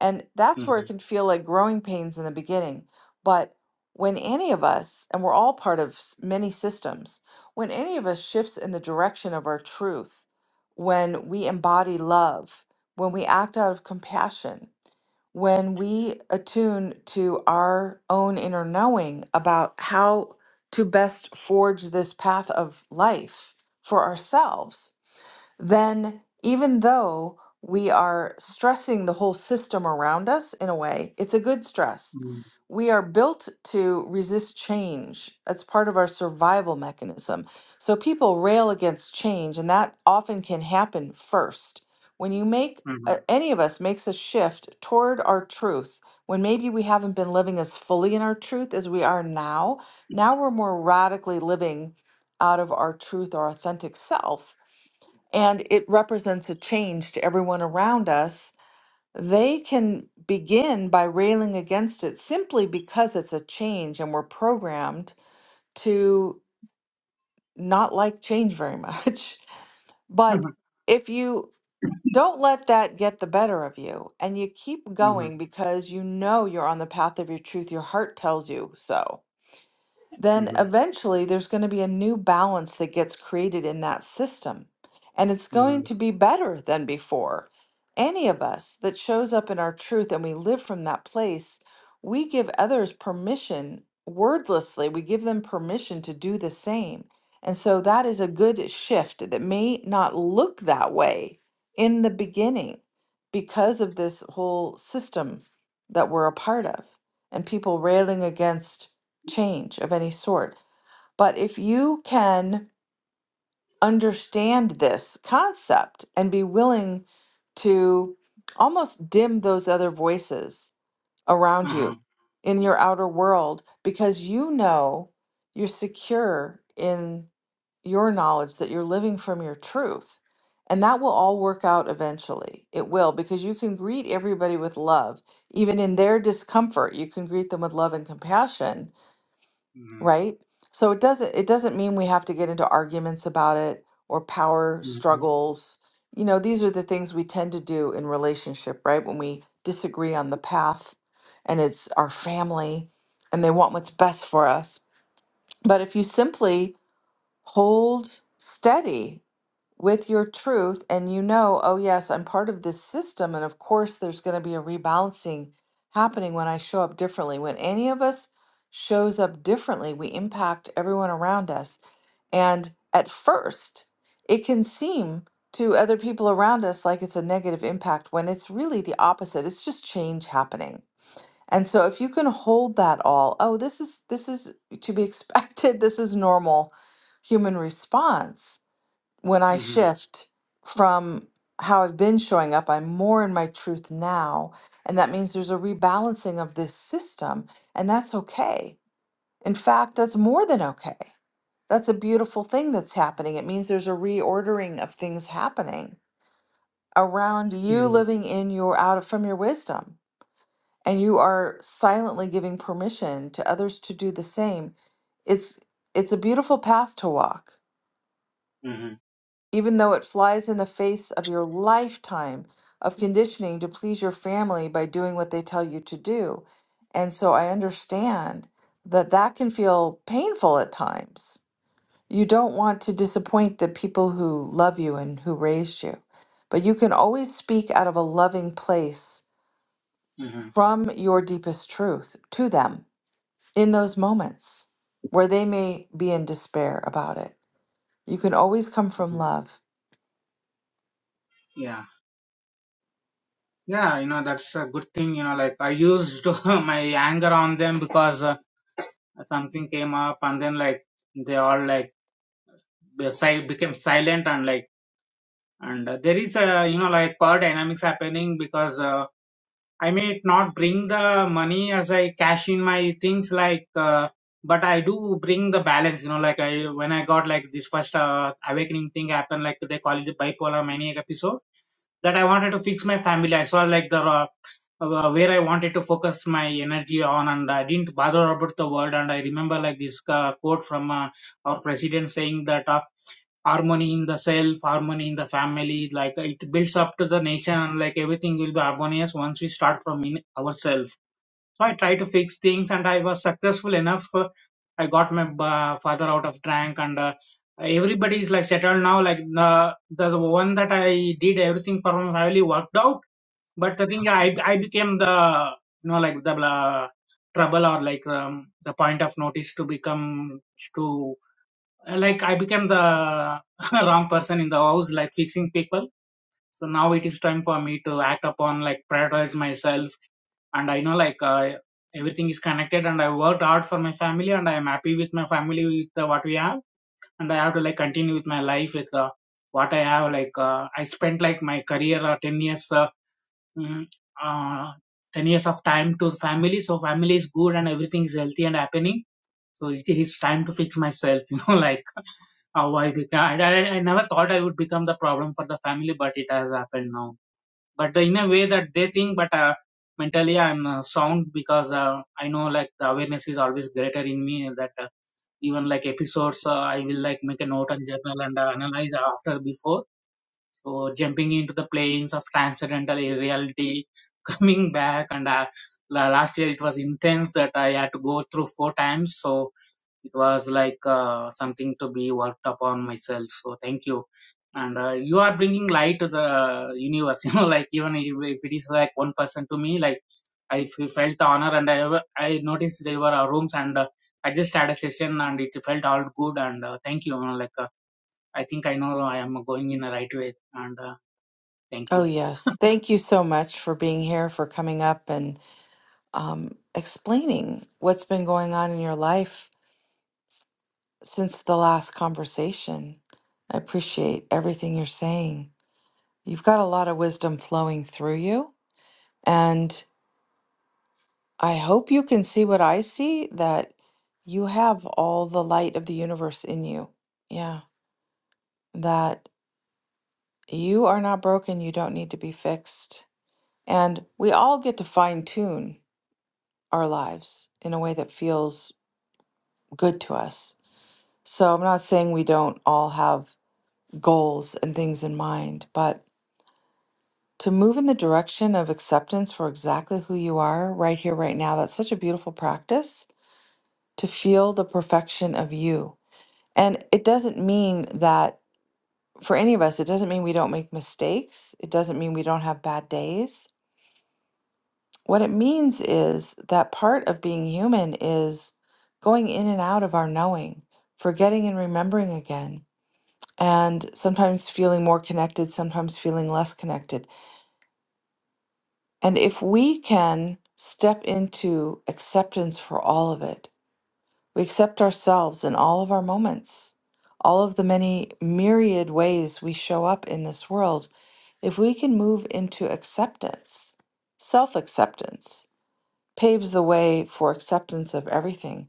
Speaker 1: And that's where it
Speaker 2: Mm-hmm.
Speaker 1: can feel like growing pains in the beginning. But when any of us, and we're all part of s- many systems, when any of us shifts in the direction of our truth, when we embody love, when we act out of compassion, when we attune to our own inner knowing about how to best forge this path of life for ourselves, then even though we are stressing the whole system around us in a way, it's a good stress. We are built to resist change. That's part of our survival mechanism. So people rail against change, and that often can happen first. When you make
Speaker 2: Mm-hmm.
Speaker 1: uh, any of us makes a shift toward our truth, when maybe we haven't been living as fully in our truth as we are now, now we're more radically living out of our truth, our authentic self and it represents a change to everyone around us, they can begin by railing against it simply because it's a change and we're programmed to not like change very much. [laughs] But
Speaker 2: Mm-hmm.
Speaker 1: if you don't let that get the better of you and you keep going because you know you're on the path of your truth, your heart tells you so then
Speaker 2: Mm-hmm.
Speaker 1: eventually there's going to be a new balance that gets created in that system. And it's going
Speaker 2: Mm-hmm.
Speaker 1: to be better than before. Any of us that shows up in our truth and we live from that place, we give others permission wordlessly, we give them permission to do the same. And so that is a good shift that may not look that way in the beginning because of this whole system that we're a part of and people railing against change of any sort. But if you can understand this concept and be willing to almost dim those other voices around
Speaker 2: Uh-huh.
Speaker 1: you in your outer world, because you know you're secure in your knowledge that you're living from your truth. And that will all work out eventually. It will, because you can greet everybody with love. Even in their discomfort, you can greet them with love and compassion
Speaker 2: Mm-hmm.
Speaker 1: right? So it doesn't it doesn't mean we have to get into arguments about it or power
Speaker 2: Mm-hmm.
Speaker 1: struggles. You know, these are the things we tend to do in relationship, right? When we disagree on the path and it's our family and they want what's best for us. But if you simply hold steady with your truth and you know, oh, yes, I'm part of this system. And of course, there's going to be a rebalancing happening when I show up differently. When any of us shows up differently, we impact everyone around us. And at first, it can seem to other people around us like it's a negative impact when it's really the opposite. It's just change happening. And so if you can hold that all, oh, this is this is to be expected, [laughs] this is normal human response when I
Speaker 2: Mm-hmm.
Speaker 1: shift from how I've been showing up, I'm more in my truth now. And that means there's a rebalancing of this system. And that's okay. In fact, that's more than okay. That's a beautiful thing that's happening. It means there's a reordering of things happening around you
Speaker 2: Mm-hmm.
Speaker 1: living in your out of from your wisdom. And you are silently giving permission to others to do the same. It's it's a beautiful path to walk
Speaker 2: Mm-hmm.
Speaker 1: even though it flies in the face of your lifetime of conditioning to please your family by doing what they tell you to do. And so I understand that that can feel painful at times. You don't want to disappoint the people who love you and who raised you, but you can always speak out of a loving place
Speaker 2: Mm-hmm.
Speaker 1: from your deepest truth to them in those moments where they may be in despair about it. You can always come from
Speaker 2: Mm-hmm.
Speaker 1: love
Speaker 2: Yeah. Yeah, you know, that's a good thing, you know, like I used [laughs] my anger on them because uh, something came up and then like they all like si- became silent and like and uh, there is a you know like power dynamics happening because uh, I may not bring the money as I cash in my things like uh, but I do bring the balance you know like I when I got like this first uh, awakening thing happened like they call it bipolar maniac episode that I wanted to fix my family I saw like the uh, uh, where I wanted to focus my energy on and I didn't bother about the world and I remember like this uh, quote from uh, our president saying that uh, harmony in the self, harmony in the family, like it builds up to the nation and like everything will be harmonious once we start from in ourselves. So I try to fix things and I was successful enough. uh, I got my uh, father out of drunk and uh, everybody is like settled now. Like the, the one that I did everything for my family worked out. But the thing yeah, I, I became the, you know, like the uh, trouble or like um, the point of notice to become to like I became the [laughs] wrong person in the house, like fixing people. So now it is time for me to act upon, like prioritize myself. And I know like uh, everything is connected and I worked hard for my family and I am happy with my family with uh, what we have. And I have to like continue with my life with uh, what I have. Like uh, I spent like my career uh, 10 years, uh, mm, uh, 10 years of time to family. So family is good and everything is healthy and happening so it is time to fix myself, you know, [laughs] like how I become. I, I, I never thought I would become the problem for the family, but it has happened now. But the, in a way that they think, but uh, mentally I'm uh, sound because uh, I know like the awareness is always greater in me that uh, even like episodes, uh, I will like make a note and journal and uh, analyze after before. So jumping into the planes of transcendental reality, [laughs] coming back and uh, la- last year it was intense that I had to go through four times. So it was like uh, something to be worked upon myself so thank you and uh, you are bringing light to the uh, universe [laughs] you know like even if if it is like one person to me like i f- felt the honor and i i noticed there were uh, rooms and uh, i just had a session and it felt all good and uh, thank you, you know, like uh, i think i know i am going in the right way and uh, thank
Speaker 1: Oh,
Speaker 2: you
Speaker 1: yes. Thank you so much for being here, for coming up and um, explaining what's been going on in your life since the last conversation. I appreciate everything you're saying. You've got a lot of wisdom flowing through you, and I hope you can see what I see that you have all the light of the universe in you. Yeah, that you are not broken, you don't need to be fixed. And we all get to fine tune our lives in a way that feels good to us. So I'm not saying we don't all have goals and things in mind, but to move in the direction of acceptance for exactly who you are right here, right now, that's such a beautiful practice to feel the perfection of you. And it doesn't mean that for any of us, it doesn't mean we don't make mistakes. It doesn't mean we don't have bad days What it means is that part of being human is going in and out of our knowing, forgetting and remembering again, and sometimes feeling more connected, sometimes feeling less connected. And if we can step into acceptance for all of it, we accept ourselves in all of our moments, all of the many myriad ways we show up in this world. If we can move into acceptance, self acceptance, paves the way for acceptance of everything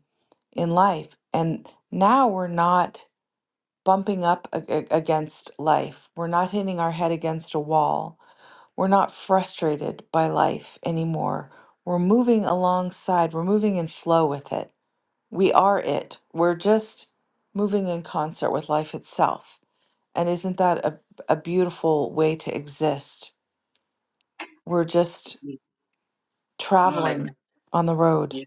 Speaker 1: in life. And now we're not bumping up a- a- against life. We're not hitting our head against a wall. We're not frustrated by life anymore. We're moving alongside, we're moving in flow with it. We are it. We're just moving in concert with life itself. And isn't that a, a beautiful way to exist? We're just
Speaker 2: you know like
Speaker 1: traveling on the road.
Speaker 2: yeah.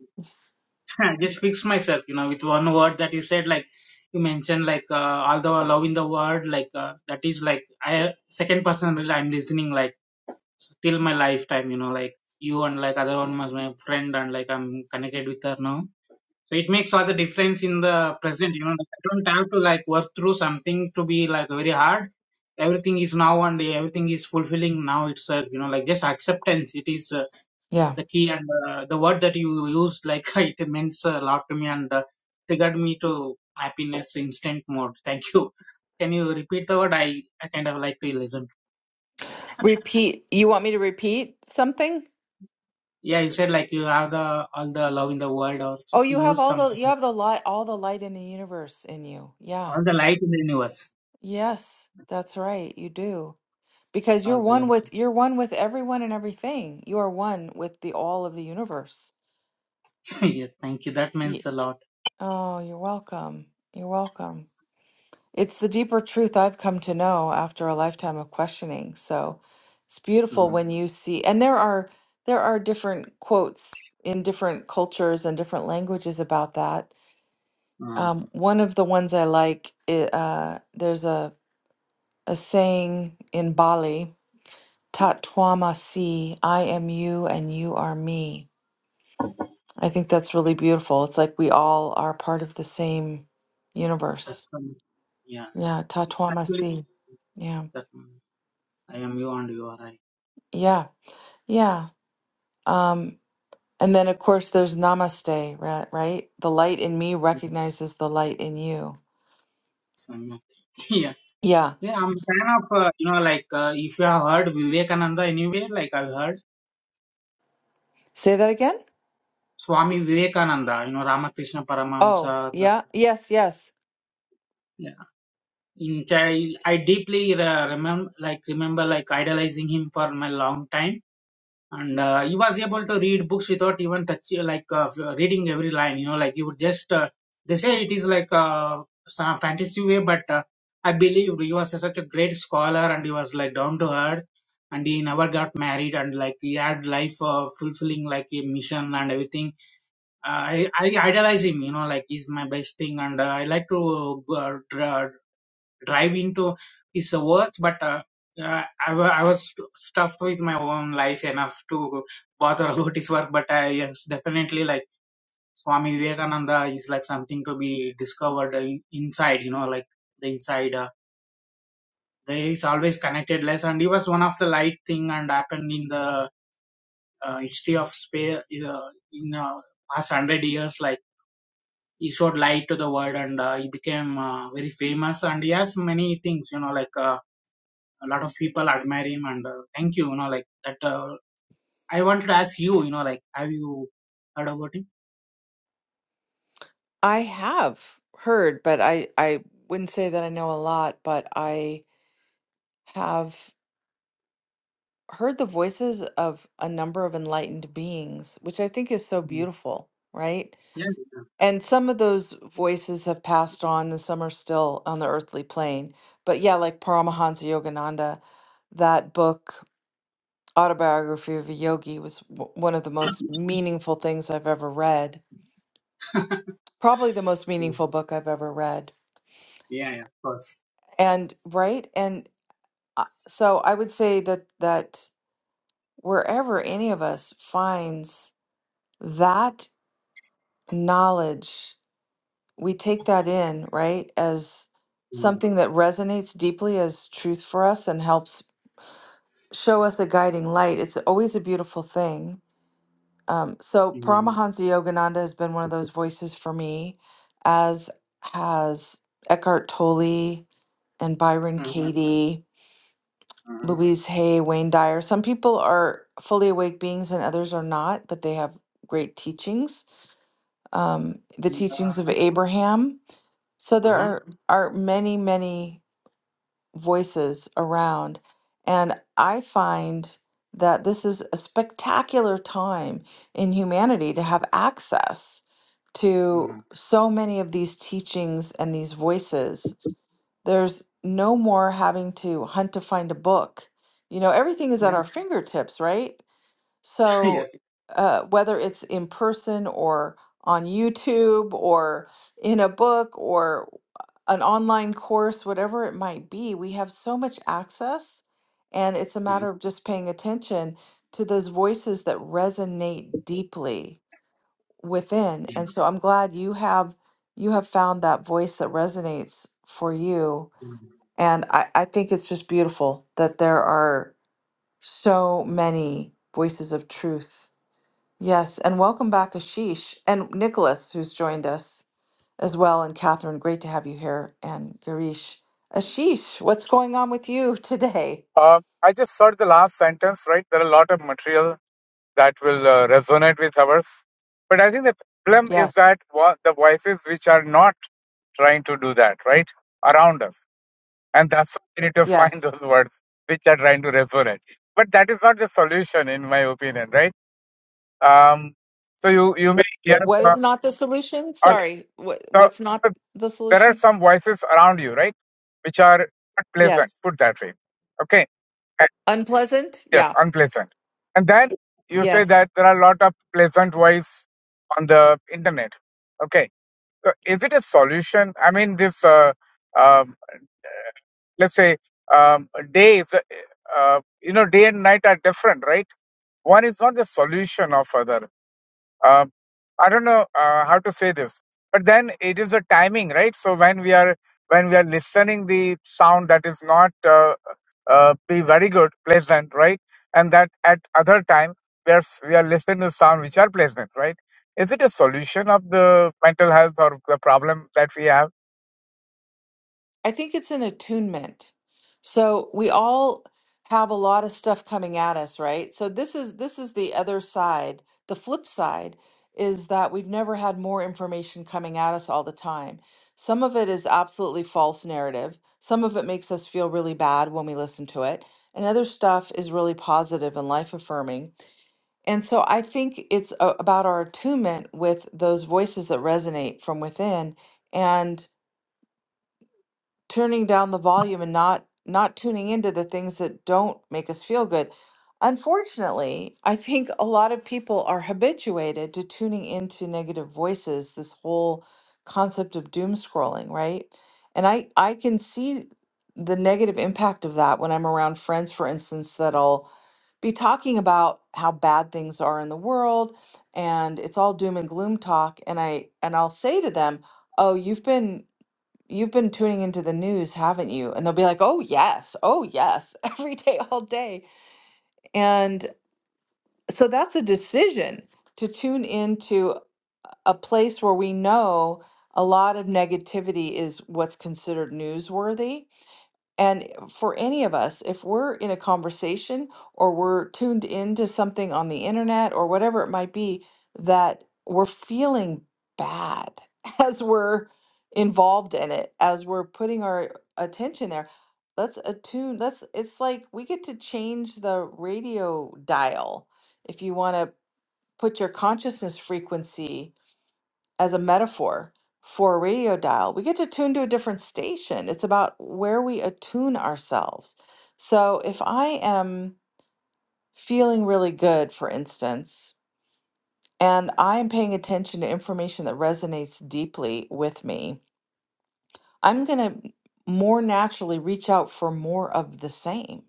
Speaker 2: I just fix myself, you know, with one word that you said, like you mentioned, like uh, all the love in the world, like uh, that is like I second person really I'm listening, like till my lifetime, you know, like you and like other one was my friend and like I'm connected with her now. So it makes all the difference in the present, you know. Like, I don't have to like work through something to be like very hard. Everything is now and everything is fulfilling now itself, you know, like just acceptance. It is. Uh,
Speaker 1: Yeah.
Speaker 2: the key and uh, the word that you used like [laughs] it means a lot to me and uh, triggered me to happiness instant mode thank you can you repeat the word i i kind of like to listen
Speaker 1: Repeat. You want me to repeat something?
Speaker 2: yeah you said like you have the all the love in the world or
Speaker 1: Oh,
Speaker 2: s-
Speaker 1: you have
Speaker 2: use
Speaker 1: all
Speaker 2: some
Speaker 1: the you have the light all the light in the universe in you. Yeah.
Speaker 2: all the light in the universe
Speaker 1: Yes, that's right. You do. Because you're
Speaker 2: all the
Speaker 1: one
Speaker 2: light
Speaker 1: with you're one with everyone and everything. You are one with the all of the universe.
Speaker 2: [laughs] yeah thank you that means
Speaker 1: Ye-
Speaker 2: a lot
Speaker 1: oh, you're welcome. You're welcome. It's the deeper truth I've come to know after a lifetime of questioning. So, it's beautiful
Speaker 2: mm
Speaker 1: when you see and there are there are different quotes in different cultures and different languages about that
Speaker 2: mm.
Speaker 1: Um, one of the ones I like, i- uh, there's a, a saying in Bali, Tat Twama Si, I am you and you are me. I think that's really beautiful. It's like we all are part of the same
Speaker 2: that's
Speaker 1: universe.
Speaker 2: um, yeah
Speaker 1: Yeah, Tat
Speaker 2: it's
Speaker 1: Twama
Speaker 2: actually
Speaker 1: Si. Yeah,
Speaker 2: that mm, i am you and you are i
Speaker 1: yeah, yeah. Um, and then, of course, there's Namaste, right? right? The light in me
Speaker 2: Yes,
Speaker 1: recognizes the light in you.
Speaker 2: I'm [laughs]
Speaker 1: Yeah.
Speaker 2: Yeah, I'm a fan of, uh, you know, like uh, if you have heard Vivekananda anyway, like I've heard
Speaker 1: Say that again?
Speaker 2: Swami Vivekananda, you know, Ramakrishna
Speaker 1: Oh,
Speaker 2: Paramahamsa. The,
Speaker 1: yeah. Yes, yes.
Speaker 2: yeah, in child, I deeply uh, remember, like remember, like idolizing him for my long time. and uh, he was able to read books without even touch like uh, reading every line you know like he would just uh, they say it is like uh, some fantasy way but uh, i believe he was such a great scholar and he was like down to earth and he never got married and like he had life uh, fulfilling like a mission and everything uh, I, I idolize him you know like he's my best thing and uh, i like to uh, dra- drive into his words, but uh, uh, I, wa- I was stuffed with my own life enough to bother [laughs] about his work. But I yes, definitely like Swami Vivekananda is like something to be discovered uh, in- inside, you know, like the inside. Uh, there is always connectedness, and he was one of the light thing and happened in the uh, history of space uh, in uh, past hundred years, like he showed light to the world and uh, he became uh, very famous and he has many things you know like Uh, a lot of people admire him and uh, thank you you know like that uh, i wanted to ask you you know like have you heard about him
Speaker 1: I have heard, but I I wouldn't say that I know a lot, but I have heard the voices of a number of enlightened beings, which I think is so
Speaker 2: Mm.
Speaker 1: beautiful, right?
Speaker 2: yeah yeah
Speaker 1: And some of those voices have passed on and some are still on the earthly plane. But yeah, like Paramahansa Yogananda, that book, Autobiography of a Yogi, was w- one of the most meaningful things I've ever read.
Speaker 2: [laughs]
Speaker 1: Probably the most meaningful
Speaker 2: Mm.
Speaker 1: book I've ever read.
Speaker 2: yeah, yeah, of course
Speaker 1: And right? and. Uh, So I would say that that wherever any of us finds that knowledge, we take that in, right, as
Speaker 2: mm
Speaker 1: something that resonates deeply as truth for us and helps show us a guiding light. It's always a beautiful thing. Um, so
Speaker 2: Mm.
Speaker 1: Paramahansa Yogananda has been one of those voices for me, as has Eckhart Tolle and Byron
Speaker 2: Mhm.
Speaker 1: Katie
Speaker 2: Mhm.
Speaker 1: Louise Hay, Wayne Dyer. Some people are fully awake beings and others are not, but they have great teachings. Um, the
Speaker 2: And,
Speaker 1: teachings of
Speaker 2: uh,
Speaker 1: Abraham. So there
Speaker 2: uh-huh,
Speaker 1: are are many, many voices around. And I find that this is a spectacular time in humanity to have access to
Speaker 2: uh-huh.
Speaker 1: so many of these teachings and these voices there's no more having to hunt to find a book. You know, everything is at
Speaker 2: yeah
Speaker 1: our fingertips, right?
Speaker 2: [laughs]
Speaker 1: So,
Speaker 2: yes
Speaker 1: uh, whether it's in person or on YouTube or in a book or an online course, whatever it might be, we have so much access. And it's a
Speaker 2: Mhm.
Speaker 1: matter of just paying attention to those voices that resonate deeply within. And so I'm glad you have you have found that voice that resonates for you
Speaker 2: yeah
Speaker 1: and I, I think it's just beautiful that there are so many voices of truth. Yes, and welcome back, Ashish, and Nicholas, who's joined us as well, and Catherine, great to have you here, and Girish. Ashish, what's going on with you [laughs] today?
Speaker 3: Um, I just heard the last sentence, right? There are a lot of material that will uh, resonate with ours. But I think the problem is
Speaker 1: Yes,
Speaker 3: that wa- the voices which are not trying to do that, right? Around us. And that's why we need to find [laughs]
Speaker 1: yes.
Speaker 3: those words which are trying to resonate. But that is not the solution, in my opinion, right? Um, so you, you may hear
Speaker 1: What
Speaker 3: some,
Speaker 1: is not the solution?
Speaker 3: okay,
Speaker 1: Sorry, what,
Speaker 3: so,
Speaker 1: what's not
Speaker 3: so
Speaker 1: the
Speaker 3: there are
Speaker 1: solution?
Speaker 3: some voices around you, right? Which are not pleasant,
Speaker 1: Yes.
Speaker 3: put that way. Okay.
Speaker 1: Unpleasant?
Speaker 3: Yes,
Speaker 1: Yeah.
Speaker 3: unpleasant. And then you say
Speaker 1: Yes.
Speaker 3: that there are a lot of pleasant voice on the internet. Okay. So is it a solution? I mean, this, uh, um, let's say, um, days, uh, you know, day and night are different, right? One is not the solution of other um, I don't know uh, how to say this, but then it is the timing, right? So when we are when we are listening the sound that is not uh, uh, be very good, pleasant, right? And that at other time we are s- we are listening to sound which are pleasant, right? Is it a solution of the mental health or the problem that we have?
Speaker 1: I think it's an attunement. So we all have a lot of stuff coming at us, right? So this is this is the other side. The flip side is that we've never had more information coming at us all the time. Some of it is absolutely false narrative. Some of it makes us feel really bad when we listen to it. And other stuff is really positive and life affirming. And so I think it's a- about our attunement with those voices that resonate from within. And turning down the volume and not not tuning into the things that don't make us feel good. Unfortunately, I think a lot of people are habituated to tuning into negative voices, this whole concept of doom scrolling, right? And I I can see the negative impact of that when I'm around friends, for instance, that'll be talking about how bad things are in the world and it's all doom and gloom talk and I and I'll say to them, "Oh, you've been You've been tuning into the news, haven't you? And they'll be like, oh, yes, oh, yes, [laughs] every day, all day. And so that's a decision to tune into a place where we know a lot of negativity is what's considered newsworthy and for any of us, if we're in a conversation or we're tuned into something on the internet or whatever it might be, that we're feeling bad [laughs] as we're involved in it, as we're putting our attention there, let's attune. Let's, it's like we get to change the radio dial. If you want to put your consciousness frequency as a metaphor for a radio dial. We get to tune to a different station. It's about where we attune ourselves. So if I am feeling really good, for instance, and I am paying attention to information that resonates deeply with me, I'm going to more naturally reach out for more of the same.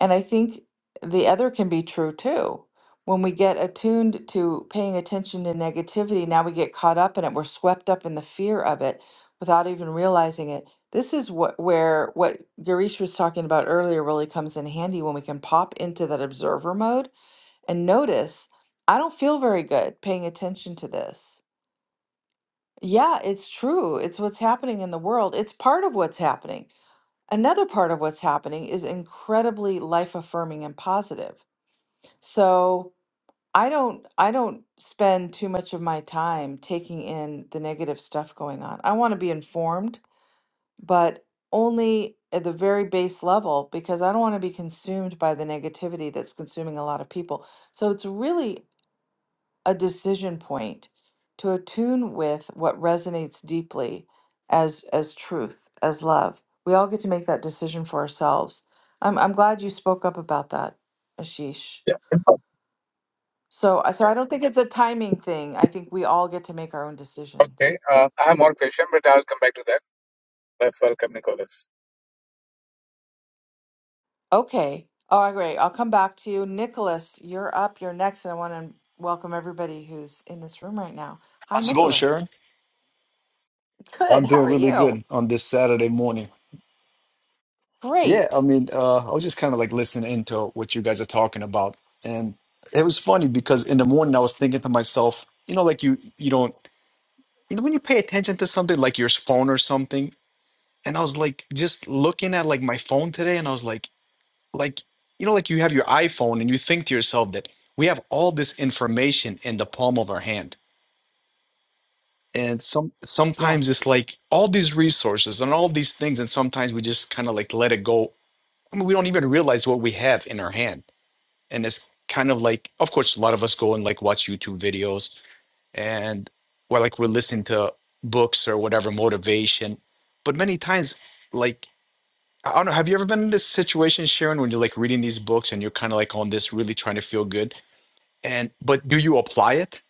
Speaker 1: And I think the other can be true too. When we get attuned to paying attention to negativity, now we get caught up in it. We're swept up in the fear of it without even realizing it. This is what where what Girish was talking about earlier really comes in handy when we can pop into that observer mode and notice, I don't feel very good paying attention to this. Yeah, it's true. It's what's happening in the world. It's part of what's happening. Another part of what's happening is incredibly life affirming and positive. So I don't I don't spend too much of my time taking in the negative stuff going on. I want to be informed, but only at the very base level because I don't want to be consumed by the negativity that's consuming a lot of people. So it's really a decision point to attune with what resonates deeply as as truth, as love. We all get to make that decision for ourselves. I'm I'm glad you spoke up about that, Ashish.
Speaker 3: Yeah.
Speaker 1: So, I- so I don't think it's a timing thing. I think we all get to make our own
Speaker 3: Okay.
Speaker 1: decisions.
Speaker 3: Uh, I have more question, but I'll come back to that. That's welcome, Nicholas.
Speaker 1: Okay. Oh, great. I'll come back to you. Nicholas, you're up. You're next. And I want to welcome everybody who's in this room right now. Hi,
Speaker 4: How's it going, Sharon?
Speaker 1: Nicholas. Good.
Speaker 4: I'm
Speaker 1: How are
Speaker 4: doing really
Speaker 1: you?
Speaker 4: good on this Saturday morning. Yeah, I
Speaker 1: Great.
Speaker 4: mean, uh, I was just kind of like listening into what you guys are talking about, and it was funny because in the morning I was thinking to myself, you know, like you you don't, you know, when you pay attention to something like your phone or something, and I was like just looking at like my phone today, and I was like, like you know, like you have your iPhone, and you think to yourself that we have all this information in the palm of our hand and some sometimes
Speaker 1: Yes.
Speaker 4: it's like all these resources and all these things and sometimes we just kind of like let it go I mean, we don't even realize what we have in our hand and it's kind of like of course a lot of us go and like watch youtube videos and or like we're listening to books or whatever motivation but many times like i don't know have you ever been in this situation sharon when you're like reading these books and you're kind of like on this really trying to feel good and but do you apply it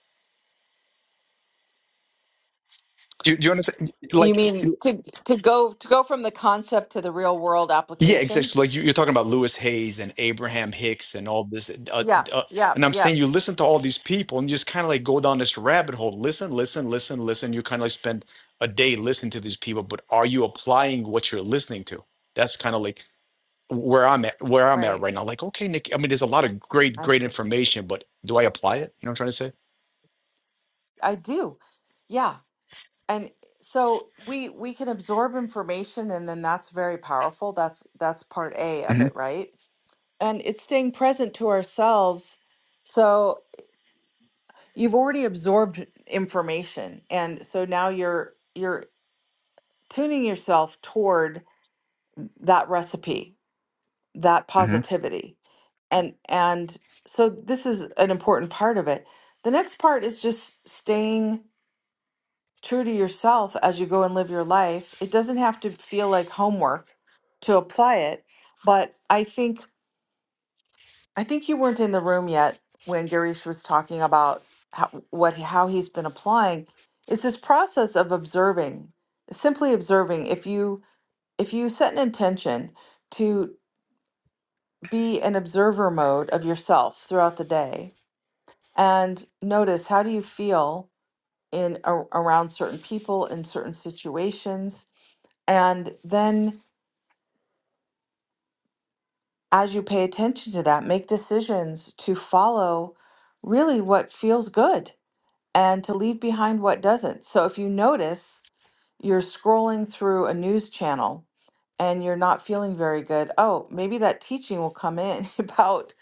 Speaker 4: do, do you understand
Speaker 1: You
Speaker 4: like
Speaker 1: mean to to go to go from the concept to the real world
Speaker 4: Yeah,
Speaker 1: application?
Speaker 4: exactly. Like you, you're talking about Lewis Hayes and Abraham Hicks and all this, uh,
Speaker 1: Yeah.
Speaker 4: uh,
Speaker 1: Yeah.
Speaker 4: and I'm
Speaker 1: Yeah.
Speaker 4: saying you listen to all these people and you just kind of like go down this rabbit hole. Listen, listen, listen, listen. You kind of like spend a day listening to these people, but are you applying what you're listening to? That's kind of like where I'm at. Where I'm at
Speaker 1: Right.
Speaker 4: right now. Like, okay, Nick. I mean, there's a lot of great,
Speaker 1: I
Speaker 4: great
Speaker 1: see.
Speaker 4: information, but do I apply it? You know what I'm trying to say?
Speaker 1: I do. Yeah. And so we we can absorb information and then that's very powerful. That's that's part A of
Speaker 4: hmm
Speaker 1: it, right? And it's staying present to ourselves. So you've already absorbed information and so now you're you're tuning yourself toward that recipe, that
Speaker 4: hmm
Speaker 1: positivity. And and so this is an important part of it. The next part is just staying true to yourself as you go and live your life. It doesn't have to feel like homework to apply it, but I think I think you weren't in the room yet when Garish was talking about how, what how he's been applying is this process of observing, simply observing. If you if you set an intention to be an observer mode of yourself throughout the day and notice how do you feel in a, around certain people in certain situations And then, as you pay attention to that, make decisions to follow really what feels good and to leave behind what doesn't. So, if you notice you're scrolling through a news channel and you're not feeling very good, oh, maybe that teaching will come in [laughs] about,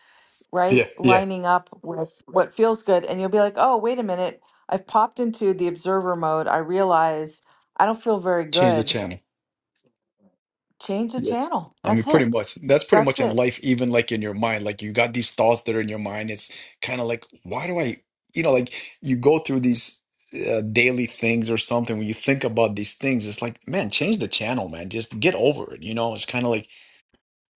Speaker 4: Yeah,
Speaker 1: right,
Speaker 4: yeah.
Speaker 1: lining up with what feels good. And you'll be like, oh, wait a minute, I've popped into the observer mode. I realize I don't feel very
Speaker 4: Change the
Speaker 1: good.
Speaker 4: channel.
Speaker 1: Change the channel.
Speaker 4: I mean,
Speaker 1: That's
Speaker 4: pretty
Speaker 1: it.
Speaker 4: much. That's pretty
Speaker 1: That's
Speaker 4: much in
Speaker 1: it.
Speaker 4: life, even like in your mind. Like you got these thoughts that are in your mind. It's kind of like, why do I, you know, like you go through these uh, daily things or something. When you think about these things, it's like, man, change the channel, man. Just get over it. You know, it's kind of like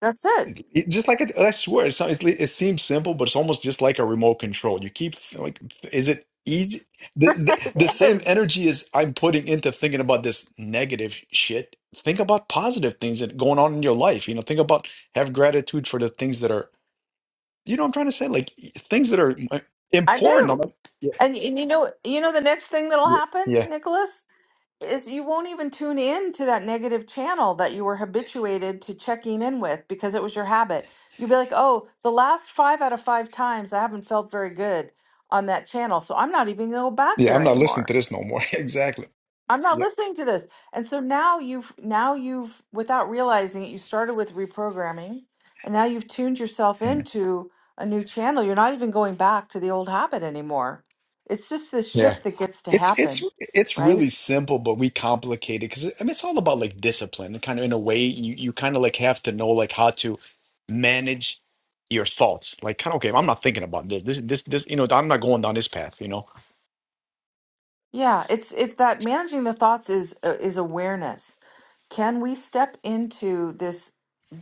Speaker 1: That's it.
Speaker 4: it, just like a, I swear, it's, it's, it seems simple, but it's almost just like a remote control. You keep like, is it easy?
Speaker 1: [laughs]
Speaker 4: The, the, the
Speaker 1: it
Speaker 4: same
Speaker 1: is.
Speaker 4: energy as I'm putting into thinking about this negative shit. Think about positive things that going on in your life. You know, think about have gratitude for the things that are. You know, what I'm trying to say like things that are uh,
Speaker 1: I
Speaker 4: important. I'm
Speaker 1: do.
Speaker 4: like, yeah,
Speaker 1: And, y- and you know, you know, the next thing that'll
Speaker 4: yeah,
Speaker 1: happen,
Speaker 4: yeah,
Speaker 1: Nicholas, is you won't even tune in to that negative channel that you were habituated to checking in with because it was your habit. You'll be like, oh, the last five out of five times I haven't felt very good on that channel, so I'm not even going to go back
Speaker 4: yeah. I'm
Speaker 1: there
Speaker 4: not listening to
Speaker 1: anymore.
Speaker 4: this no more. [laughs] exactly.
Speaker 1: I'm not
Speaker 4: Yeah.
Speaker 1: listening to this. And so now you've now you've without realizing it, you started with reprogramming and now you've tuned yourself into a new channel. You're not even going back to the old habit anymore. It's just this
Speaker 4: Yeah.
Speaker 1: shift that gets to
Speaker 4: It's it's
Speaker 1: happen,
Speaker 4: it's
Speaker 1: right?
Speaker 4: really simple, but we complicate it because I mean it's all about like discipline. Kind of in a way, you you kind of like have to know like how to manage your thoughts. Like kind of okay, I'm not thinking about this. This this this you know I'm not going down this path. You know.
Speaker 1: Yeah, it's it's that managing the thoughts is uh, is awareness. Can we step into this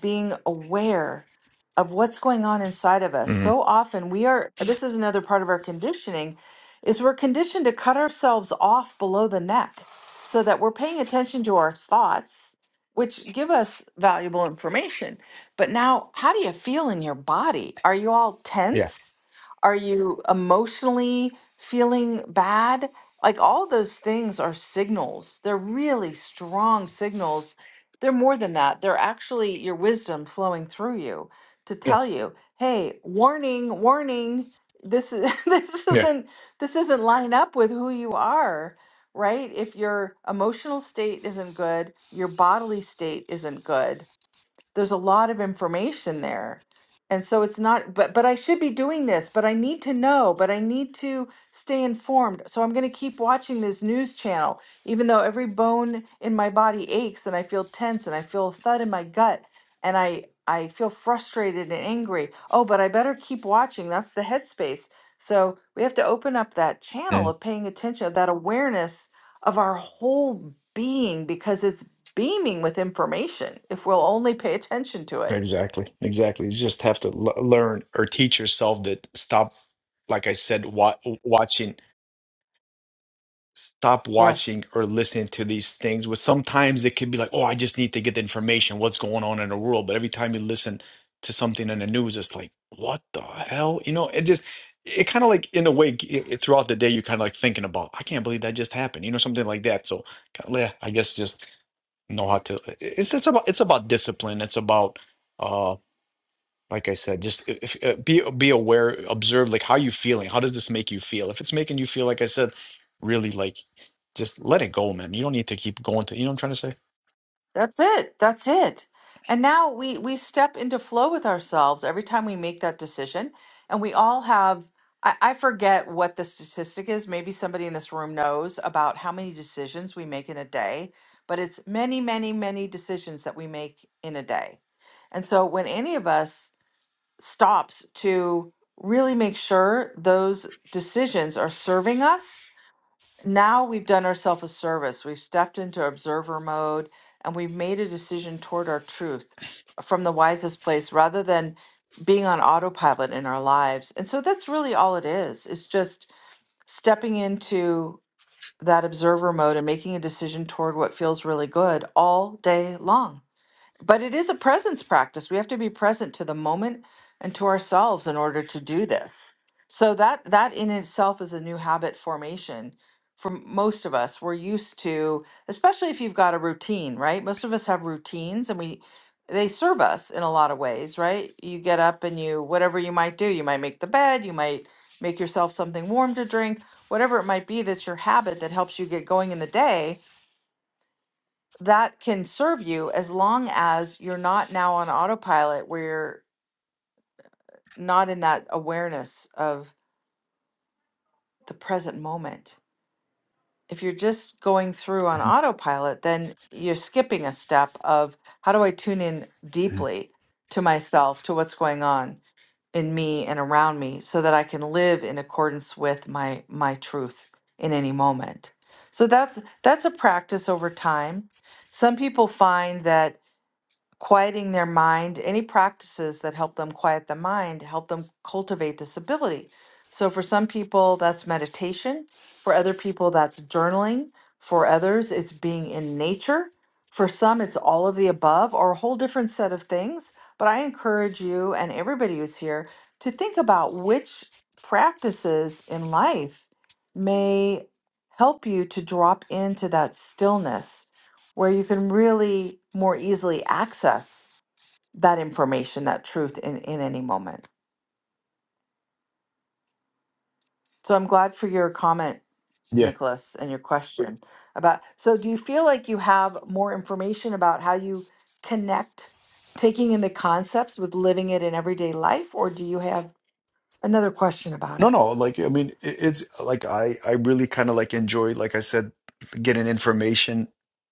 Speaker 1: being aware of what's going on inside of us?
Speaker 4: hmm
Speaker 1: So often we are this is another part of our conditioning is we're conditioned to cut ourselves off below the neck so that we're paying attention to our thoughts which give us valuable information. But now, how do you feel in your body? Are you all
Speaker 4: Yeah.
Speaker 1: tense? Are you emotionally feeling bad? Like all those things are signals. They're really strong signals. They're more than that. They're actually your wisdom flowing through you to
Speaker 4: Yeah.
Speaker 1: tell you, "Hey, warning, warning. This is [laughs] this
Speaker 4: Yeah.
Speaker 1: isn't this isn't line up with who you are." Right? If your emotional state isn't good, your bodily state isn't good there's a lot of information there and so it's not but but i should be doing this but i need to know but i need to stay informed so i'm going to keep watching this news channel even though every bone in my body aches and i feel tense and i feel a thud in my gut and i i feel frustrated and angry oh but i better keep watching that's the headspace so we have to open up that channel
Speaker 4: Mm.
Speaker 1: of paying attention that awareness of our whole being because it's beaming with information if we'll only pay attention to it.
Speaker 4: Exactly. Exactly. You just have to l- learn or teach yourself that stop. Like I said, wa- watching stop
Speaker 1: Yes,
Speaker 4: watching or listening to these things But sometimes they could be like oh i just need to get the information what's going on in the world but every time you listen to something in the news it's like what the hell you know it just it kind of like in a way it, it- throughout the day you're kind of like thinking about i can't believe that just happened you know something like that so kinda, yeah, i guess just know how to it's it's about it's about discipline it's about uh, like I said, just if, uh, be uh, be aware, observe like how you feeling. How does this make you feel? If it's making you feel like I said, really like just let it go, man. You don't need to keep going to. You know what I'm trying to
Speaker 1: that's it. That's it. And now we we step into flow with ourselves every time we make that decision. And we all have I, I forget what the statistic is. Maybe somebody in this room knows about how many decisions we make in a day, but it's many, many, many decisions that we make in a day. And so when any of us stops to really make sure those decisions are serving us now we've done ourselves a service. We've stepped into observer mode and we've made a decision toward our truth f- from the wisest place rather than being on autopilot in our lives. And so that's really all it is. It's just stepping into that observer mode and making a decision toward what feels really good all day long. But it is a presence practice. We have to be present to the moment and to ourselves in order to do this. So that that in itself is a new habit formation for m- most of us. We're used to, especially if you've got a routine, right? Most of us have routines and we they serve us in a lot of ways, right? You get up and you whatever you might do, you might make the bed, you might make yourself something warm to drink, whatever it might be that's your habit that helps you get going in the day that can serve you as long as you're not now on autopilot where you're not in that awareness of the present moment. If you're just going through on autopilot, then you're skipping a step of how do I tune in deeply to myself, to what's going on in me and around me so that I can live in accordance with my my truth in any moment. So that's that's a practice over time. Some people find that quieting their mind, any practices that help them quiet the mind, help them cultivate this ability. So, for some people, that's meditation. For other people, that's journaling. For others, it's being in nature. For some, it's all of the above or a whole different set of things. But I encourage you and everybody who's here to think about which practices in life may help you to drop into that stillness where you can really more easily access that information, that truth in, in any moment. So I'm glad for your comment,
Speaker 4: say?
Speaker 1: Nicholas, and your question about so do you feel like you have more information about how you connect taking in the concepts with living it in everyday life, or do you have another question about
Speaker 4: No,
Speaker 1: it?
Speaker 4: no, like I mean, it, it's like I I really kind of like enjoy, like I said, getting information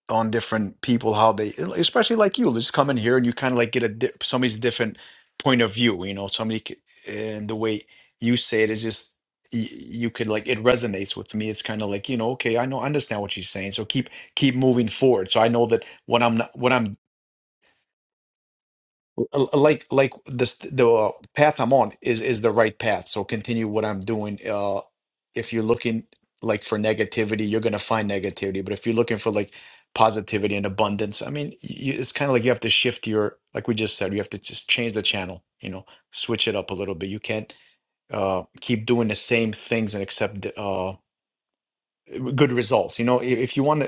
Speaker 4: on different people, how they, especially like you, just come in here and you kind of like get a di somebody's different point of view, you know, somebody c- and the way you say it is just you, you could like it resonates with me. It's kind of like, you know, okay, I know, I understand what she's saying, so keep keep moving forward. So I know that what I'm not, what I'm L- l- like like this the uh, path i'm on is is the right path so continue what i'm doing uh if you're looking like for negativity you're going to find negativity but if you're looking for like positivity and abundance i mean you, it's kind of like you have to shift your like we just said you have to just change the channel you know switch it up a little bit you can't uh keep doing the same things and accept uh good results you know if, if you want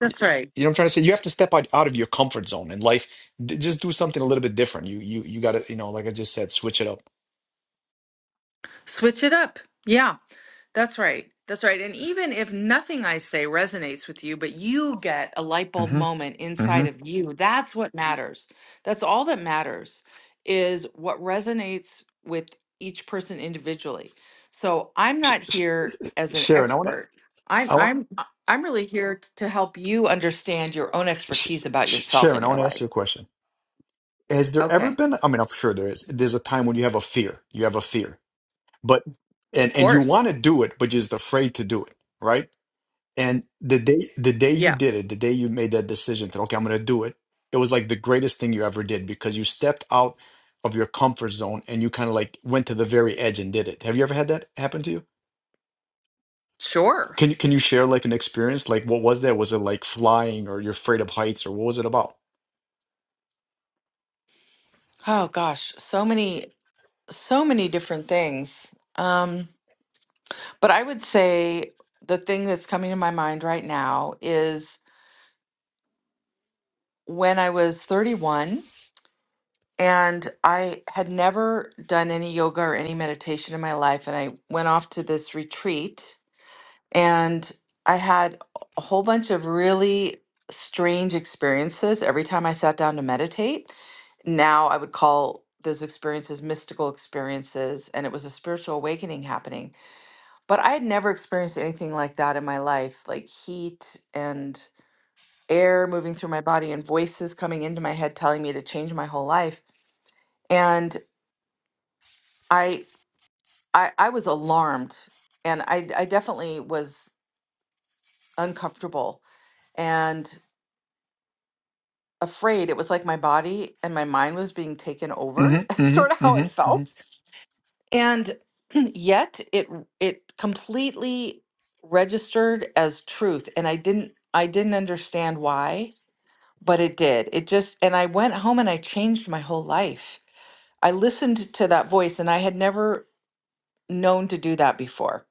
Speaker 1: That's right.
Speaker 4: you know what I'm trying to say? You have to step out, out of your comfort zone in life. D- just do something a little bit different. You you you got to, you know, like I just said, switch it up.
Speaker 1: Switch it up. Yeah. That's right. That's right. And even if nothing I say resonates with you, but you get a light bulb
Speaker 4: hmm
Speaker 1: moment
Speaker 4: hmm
Speaker 1: inside of you, that's what matters. That's all that matters is what resonates with each person individually. So I'm
Speaker 4: Sh-
Speaker 1: not
Speaker 4: Sh-
Speaker 1: here as an
Speaker 4: Sharon, I want to,
Speaker 1: expert. I'm
Speaker 4: I want
Speaker 1: I'm I- I'm really here t- to help you understand your own
Speaker 4: Sh-
Speaker 1: expertise about
Speaker 4: Sh-
Speaker 1: yourself in
Speaker 4: Sharon, I
Speaker 1: your
Speaker 4: want to ask
Speaker 1: life.
Speaker 4: you a question. Has there ever
Speaker 1: Okay.
Speaker 4: been? I mean, I'm sure there is. There's a time when you have a fear. You have a fear, but and
Speaker 1: Of
Speaker 4: and you
Speaker 1: course.
Speaker 4: want to do it, but you're just afraid to do it, right? And the day the day you
Speaker 1: Yeah.
Speaker 4: did it, the day you made that decision that okay, I'm gonna do it, it was like the greatest thing you ever did because you stepped out of your comfort zone and you kind of like went to the very edge and did it. Have you ever had that happen to you?
Speaker 1: Sure.
Speaker 4: Can you can you share like an experience? Like what was that? Was it like flying or you're afraid of heights or what was it about?
Speaker 1: Oh gosh, so many so many different things. Um But I would say the thing that's coming to my mind right now is when I was 31 and I had never done any yoga or any meditation in my life. And I went off to this retreat and I had a whole bunch of really strange experiences every time I sat down to meditate. Now I would call those experiences mystical experiences, and it was a spiritual awakening happening But I had never experienced anything like that in my life, like heat and air moving through my body and voices coming into my head telling me to change my whole life. And I I, I was alarmed and I, I definitely was uncomfortable and afraid. It was like my body and my mind was being taken over, [laughs]
Speaker 4: Mm-hmm.
Speaker 1: sort of
Speaker 4: Mm-hmm.
Speaker 1: how it
Speaker 4: Mm-hmm.
Speaker 1: felt.
Speaker 4: Mm-hmm.
Speaker 1: And [clears throat] yet it it completely registered as truth and I didn't I didn't understand why but it did. It just, and I went home and I changed my whole life. I listened to that voice and I had never known to do that before.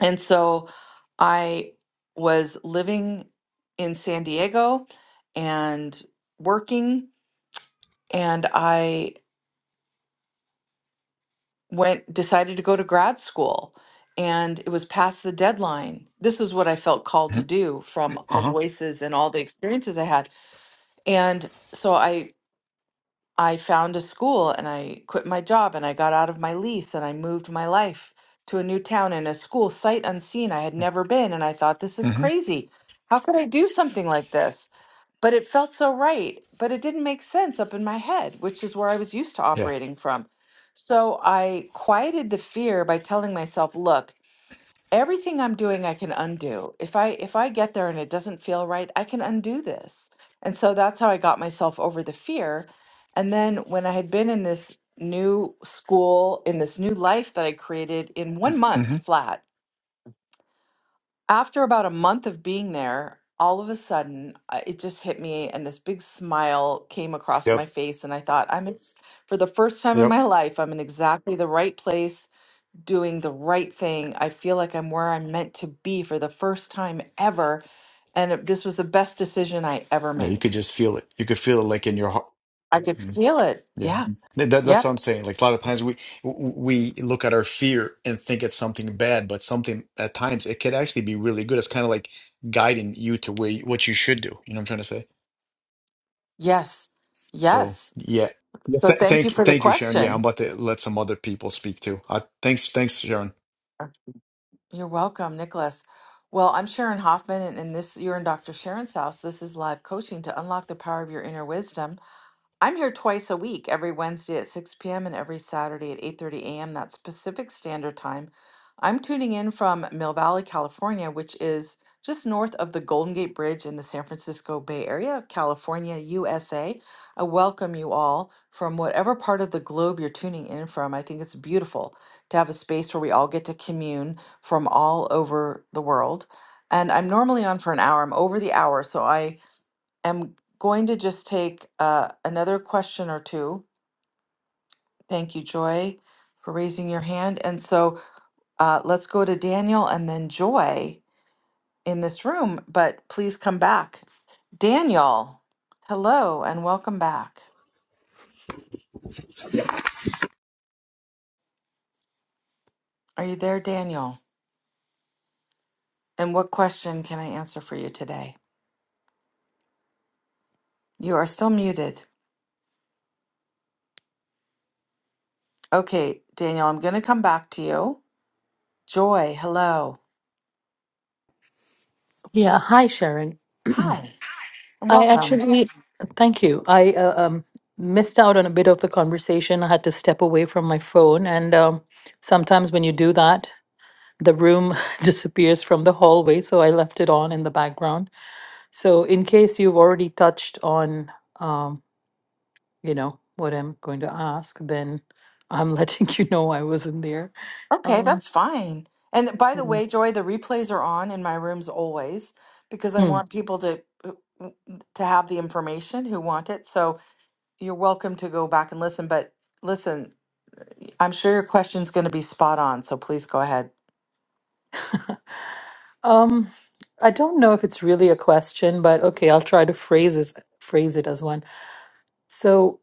Speaker 1: And so I was living in San Diego and working, and I went, decided to go to grad school. And it was past the deadline. This is what I felt called to do from the
Speaker 4: Uh-huh.
Speaker 1: voices and all the experiences I had. And so I I found a school and I quit my job and I got out of my lease and I moved my life to a new town and a school sight unseen I had never been and I thought this is
Speaker 4: Mm-hmm.
Speaker 1: crazy. How could I do something like this? But it felt so right, but it didn't make sense up in my head, which is where I was used to
Speaker 4: Yeah.
Speaker 1: operating from. So I quieted the fear by telling myself, "Look, everything I'm doing I can undo. If I if I get there and it doesn't feel right, I can undo this. And so that's how I got myself over the fear. And then when I had been in this new school, in this new life that I created in 1 month
Speaker 4: Mm-hmm.
Speaker 1: flat, after about a month of being there, all of a sudden uh, it just hit me and this big smile came across my
Speaker 4: Yep.
Speaker 1: face and I thought I'm ex- for the first time in
Speaker 4: Yep.
Speaker 1: my life I'm in exactly the right place doing the right thing. I feel like I'm where I'm meant to be for the first time ever. And it- this was the best decision I ever
Speaker 4: Yeah, you
Speaker 1: made.
Speaker 4: could just feel it. You could feel it like in your heart.
Speaker 1: I could feel it.
Speaker 4: Yeah,
Speaker 1: Yeah.
Speaker 4: Th- that, that's what I'm
Speaker 1: Yep.
Speaker 4: saying. Like a lot of times we we look at our fear and think it's something bad, but something at times it could actually be really good. It's kind of like guiding you to where you, what you should do. You know what I'm trying to say?
Speaker 1: Yes.
Speaker 4: So
Speaker 1: Yes.
Speaker 4: yeah, yeah.
Speaker 1: So
Speaker 4: Th-
Speaker 1: thank you for
Speaker 4: thank
Speaker 1: the
Speaker 4: thank you, Sharon. Yeah, I'm
Speaker 1: question.
Speaker 4: about to let some other people speak too. Uh, thanks, thanks, Sharon.
Speaker 1: You're welcome, Nicholas. Well, I'm Sharon Hoffman, and, and this you're in Dr. Sharon's house. This is live coaching to unlock the power of your inner wisdom. I'm here twice a week, every Wednesday at 6 p.m. and every Saturday at 8:30 a.m. That's Pacific Standard Time. I'm tuning in from Mill Valley, California, which is just north of the Golden Gate Bridge in the San Francisco Bay Area, California, USA. I welcome you all from whatever part of the globe you're tuning in from. I think it's beautiful to have a space where we all get to commune from all over the world. And I'm normally on for an hour. I'm over the hour, so I am going to just take uh, another question or two. Thank you, Joy, for raising your hand. And so uh, let's go to Daniel and then Joy in this room, but please come back. Daniel, hello and welcome back. Are you there, Daniel? And what question can I answer for you today? You are still muted. Okay, Daniel, I'm going to come back to you. Joy, hello.
Speaker 5: Yeah, hi Sharon.
Speaker 1: Hi, and
Speaker 5: I
Speaker 1: welcome.
Speaker 5: actually thank you. I uh, um missed out on a bit of the conversation. I had to step away from my phone and um sometimes when you do that, the room [laughs] disappears from the hallway, so I left it on in the background. So in case you've already touched on um, you know, what I'm going to ask, then I'm letting [laughs] you know I wasn't there.
Speaker 1: Okay,
Speaker 5: Um,
Speaker 1: that's fine. And by the
Speaker 5: yeah.
Speaker 1: way, Joy, the replays are on in my rooms always because I
Speaker 5: Hmm.
Speaker 1: want people to to have the information who want it. So you're welcome to go back and listen. But listen, I'm sure your question's going to be spot on. So please go ahead.
Speaker 5: [laughs] Um, I don't know if it's really a question, but okay, I'll try to phrase it, phrase it as one. So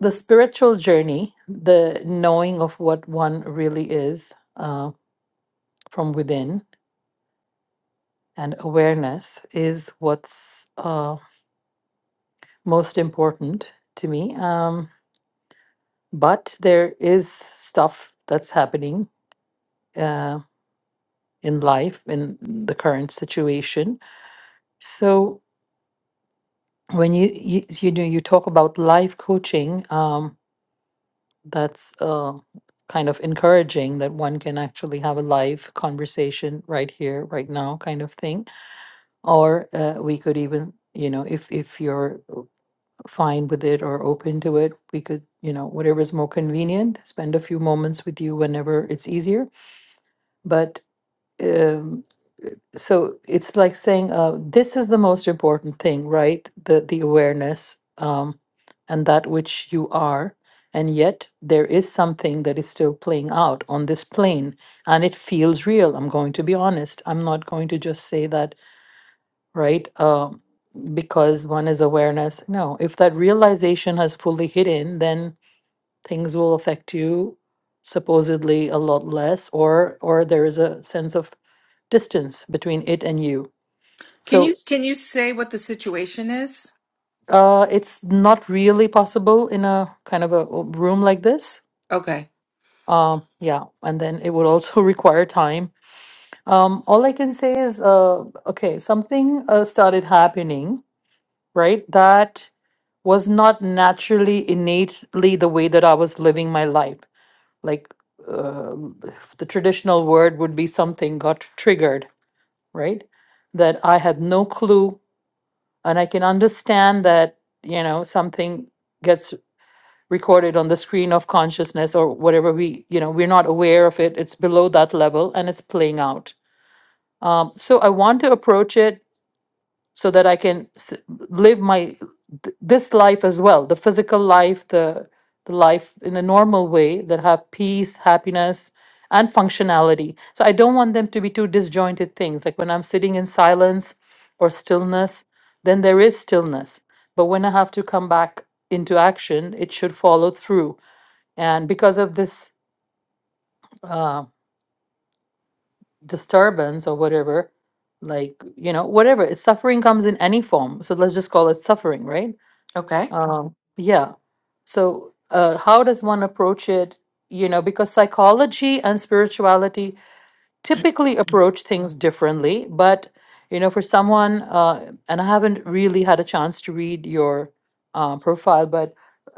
Speaker 5: the spiritual journey, the knowing of what one really is uh, from within and awareness is what's uh, most important to me. Um, but there is stuff that's happening uh, in life, in the current situation. So when you, you, you know, you talk about life coaching, um, that's uh, kind of encouraging that one can actually have a live conversation right here right now kind of thing or uh, we could even you know if if you're fine with it or open to it we could you know whatever is more convenient spend a few moments with you whenever it's easier but um, so it's like saying uh, this is the most important thing right the the awareness um, and that which you are and yet there is something that is still playing out on this plane and it feels real i'm going to be honest i'm not going to just say that right Um because one is awareness no if that realization has fully hit in then things will affect you supposedly a lot less or or there is a sense of distance between it and you.
Speaker 1: Can you
Speaker 5: So
Speaker 1: can you say what the situation is?
Speaker 5: uh, it's not really possible in a kind of a room like this.
Speaker 1: Okay.
Speaker 5: Um, yeah, and then it would also [laughs] require time. Um, all I can say is, uh, okay, something uh, started happening, right? That was not naturally innately the way that I was living my life. Like uh, the traditional word would be something got triggered, right? That I had no clue And I can understand that, you know, something gets recorded on the screen of consciousness or whatever we, you know, we're not aware of it. It's below that level and it's playing out. Um, so I want to approach it so that I can s- live my th- this life as well, the physical life, the the life in a normal way that have peace, happiness, and functionality. So I don't want them to be two disjointed things. Like when I'm sitting in silence or stillness, then there is stillness. But when I have to come back into action, it should follow through. And because of this uh, disturbance or whatever, like you know, whatever, it's suffering comes in any form. So let's just call it suffering, right?
Speaker 1: Okay.
Speaker 5: Um, yeah. So, uh, how does one approach it? You know, because psychology and spirituality typically approach things differently but you know for someone uh, and i haven't really had a chance to read your uh, profile but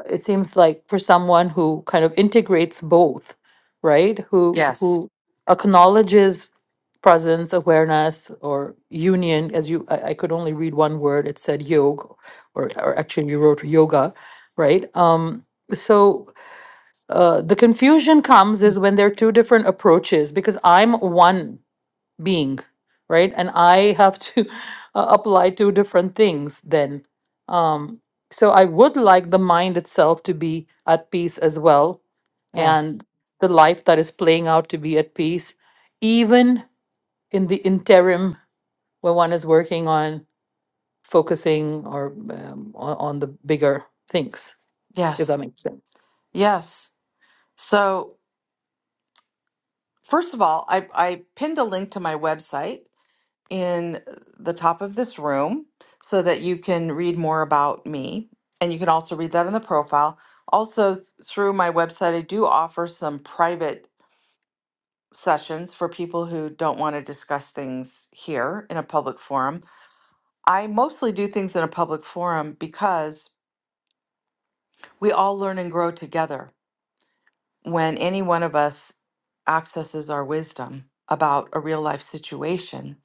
Speaker 5: it seems like for someone who kind of integrates both right who
Speaker 1: Yes.
Speaker 5: who acknowledges presence awareness or union as you i, I could only read one word it said yoga or, or actually you wrote yoga right um so uh, the confusion comes is when there are two different approaches because i'm one being right and i have to [laughs] uh, apply to different things then um so i would like the mind itself to be at peace as well
Speaker 1: Yes.
Speaker 5: and the life that is playing out to be at peace even in the interim when one is working on focusing or um, on, on the bigger things if
Speaker 1: Yes.
Speaker 5: that makes sense
Speaker 1: Yes. So first of all, I I pinned a link to my website in the top of this room so that you can read more about me. And you can also read that in the profile. Also, th- through my website, I do offer some private sessions for people who don't want to discuss things here in a public forum. I mostly do things in a public forum because we all learn and grow together when any one of us accesses our wisdom about a real life situation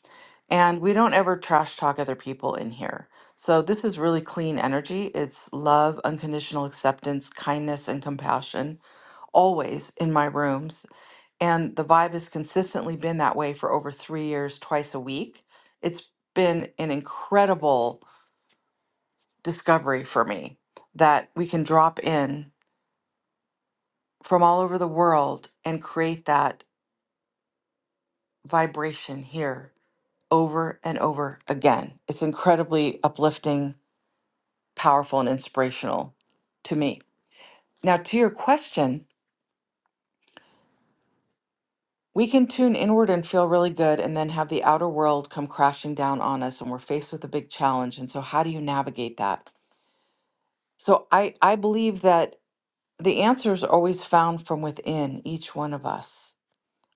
Speaker 1: And we don't ever trash talk other people in here. So this is really clean energy. It's love, unconditional acceptance, kindness, and compassion, always in my rooms. And the vibe has consistently been that way for over three years, twice a week. It's been an incredible discovery for me that we can drop in from all over the world and create that vibration here over and over again. It's incredibly uplifting powerful and inspirational to me. Now, to your question, we can tune inward and feel really good and then have the outer world come crashing down on us and we're faced with a big challenge. And so, how do you navigate that? So, I, I believe that the answers are always found from within each one of us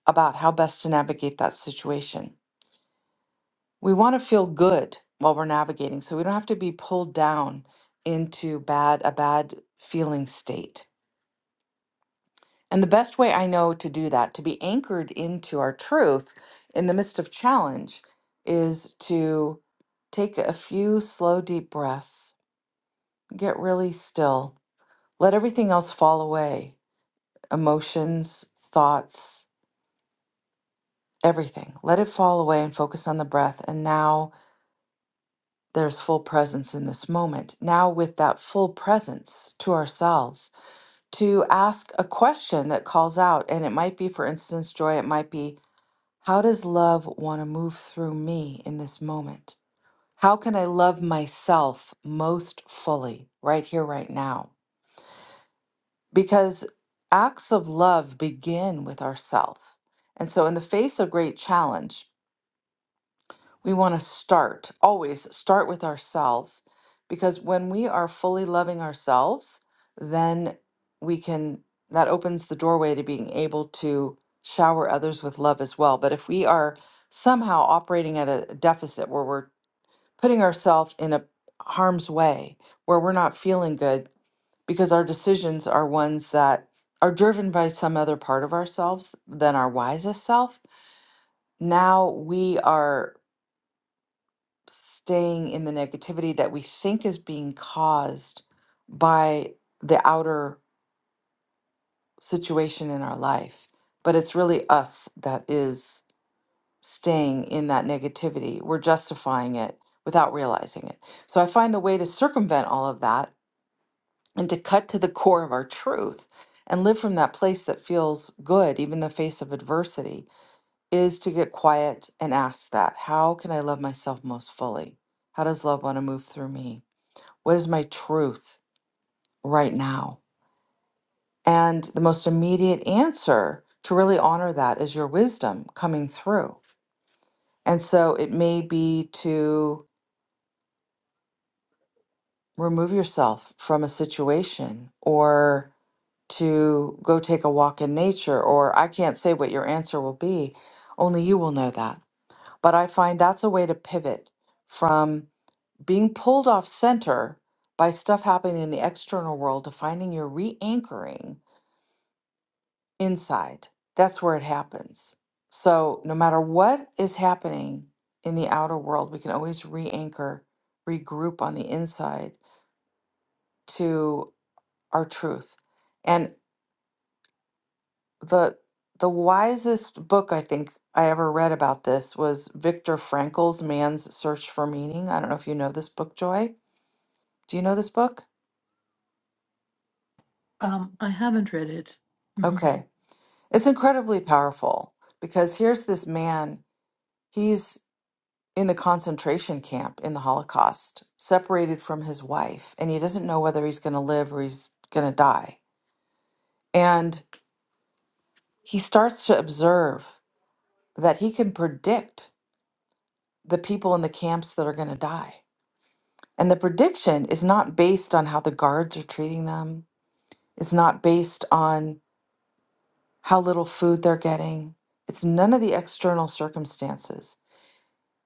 Speaker 1: about how best to navigate that situation. We want to feel good while we're navigating so we don't have to be pulled down into bad a bad feeling state And the best way I know to do that, to be anchored into our truth in the midst of challenge, is to take a few slow, deep breaths, get really still, let everything else fall away emotions, thoughts, everything. Let it fall away and focus on the breath. And now there's full presence in this moment. Now, with that full presence to ourselves, to ask a question that calls out, and it might be, for instance, joy, it might be, How does love want to move through me in this moment? How can I love myself most fully right here, right now? Because acts of love begin with ourself. And so, in the face of great challenge, We want to start, always start with ourselves, because when we are fully loving ourselves, then we can, that opens the doorway to being able to shower others with love as well. But if we are somehow operating at a deficit where we're putting ourselves in a harm's way, where we're not feeling good, because our decisions are ones that are driven by some other part of ourselves than our wisest self, now we are staying in the negativity that we think is being caused by the outer situation in our life. But it's really us that is staying in that negativity. We're justifying it without realizing it. So I find the way to circumvent all of that and to cut to the core of our truth and live from that place that feels good, even in the face of adversity, is to get quiet and ask that how can I love myself most fully? How does love want to move through me? What is my truth right now? And the most immediate answer to really honor that is your wisdom coming through. And so it may be to remove yourself from a situation or to go take a walk in nature, or I can't say what your answer will be. Only you will know that. But I find that's a way to pivot from being pulled off center by stuff happening in the external world to finding your re anchoring inside. That's where it happens. So, no matter what is happening in the outer world, we can always re anchor, regroup on the inside to our truth. And the the wisest book I think I ever read about this was Viktor Frankl's Man's Search for Meaning. I don't know if you know this book, Joy. Do you know this book?
Speaker 5: um i haven't read it Mhm.
Speaker 1: Okay. It's incredibly powerful because here's this man. He's in the concentration camp in the Holocaust, separated from his wife, and he doesn't know whether he's going to live or he's going to die. And he starts to observe that he can predict the people in the camps that are going to die. And the prediction is not based on how the guards are treating them, it's not based on how little food they're getting, it's none of the external circumstances.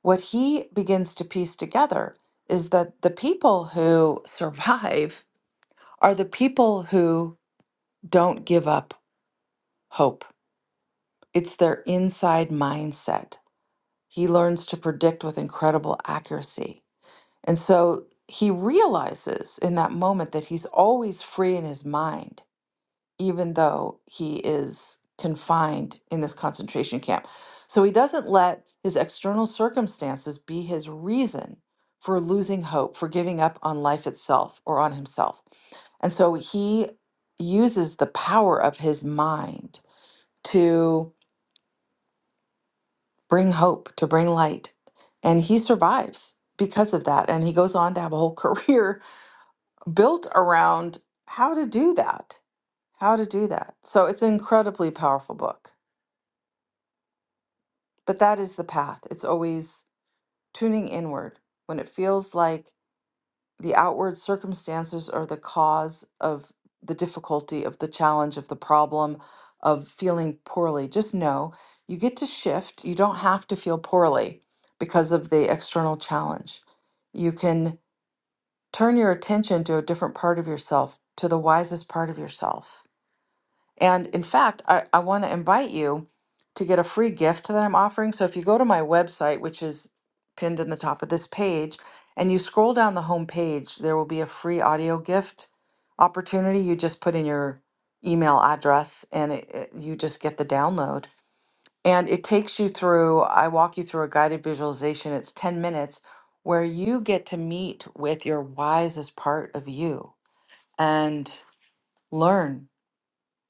Speaker 1: What he begins to piece together is that the people who [laughs] survive are the people who don't give up hope. It's their inside mindset. He learns to predict with incredible accuracy. And so he realizes in that moment that he's always free in his mind. even though he is confined in this concentration camp. So he doesn't let his external circumstances be his reason for losing hope, for giving up on life itself or on himself. And so he uses the power of his mind to bring hope, to bring light. And he survives because of that. And he goes on to have a whole [laughs] career built around how to do that, how to do that. So it's an incredibly powerful book. But that is the path. It's always tuning inward when it feels like the outward circumstances are the cause of the difficulty, of the challenge, of the problem, of feeling poorly. Just know you get to shift. You don't have to feel poorly because of the external challenge. You can turn your attention to a different part of yourself, to the wisest part of yourself and in fact, I, I want to invite you to get a free gift that I'm offering. So if you go to my website, which is pinned in the top of this page, and you scroll down the home page, there will be a free audio gift opportunity. You just put in your email address and it, it- you just get the download. And it takes you through, I walk you through a guided visualization. It's 10 minutes where you get to meet with your wisest part of you and learn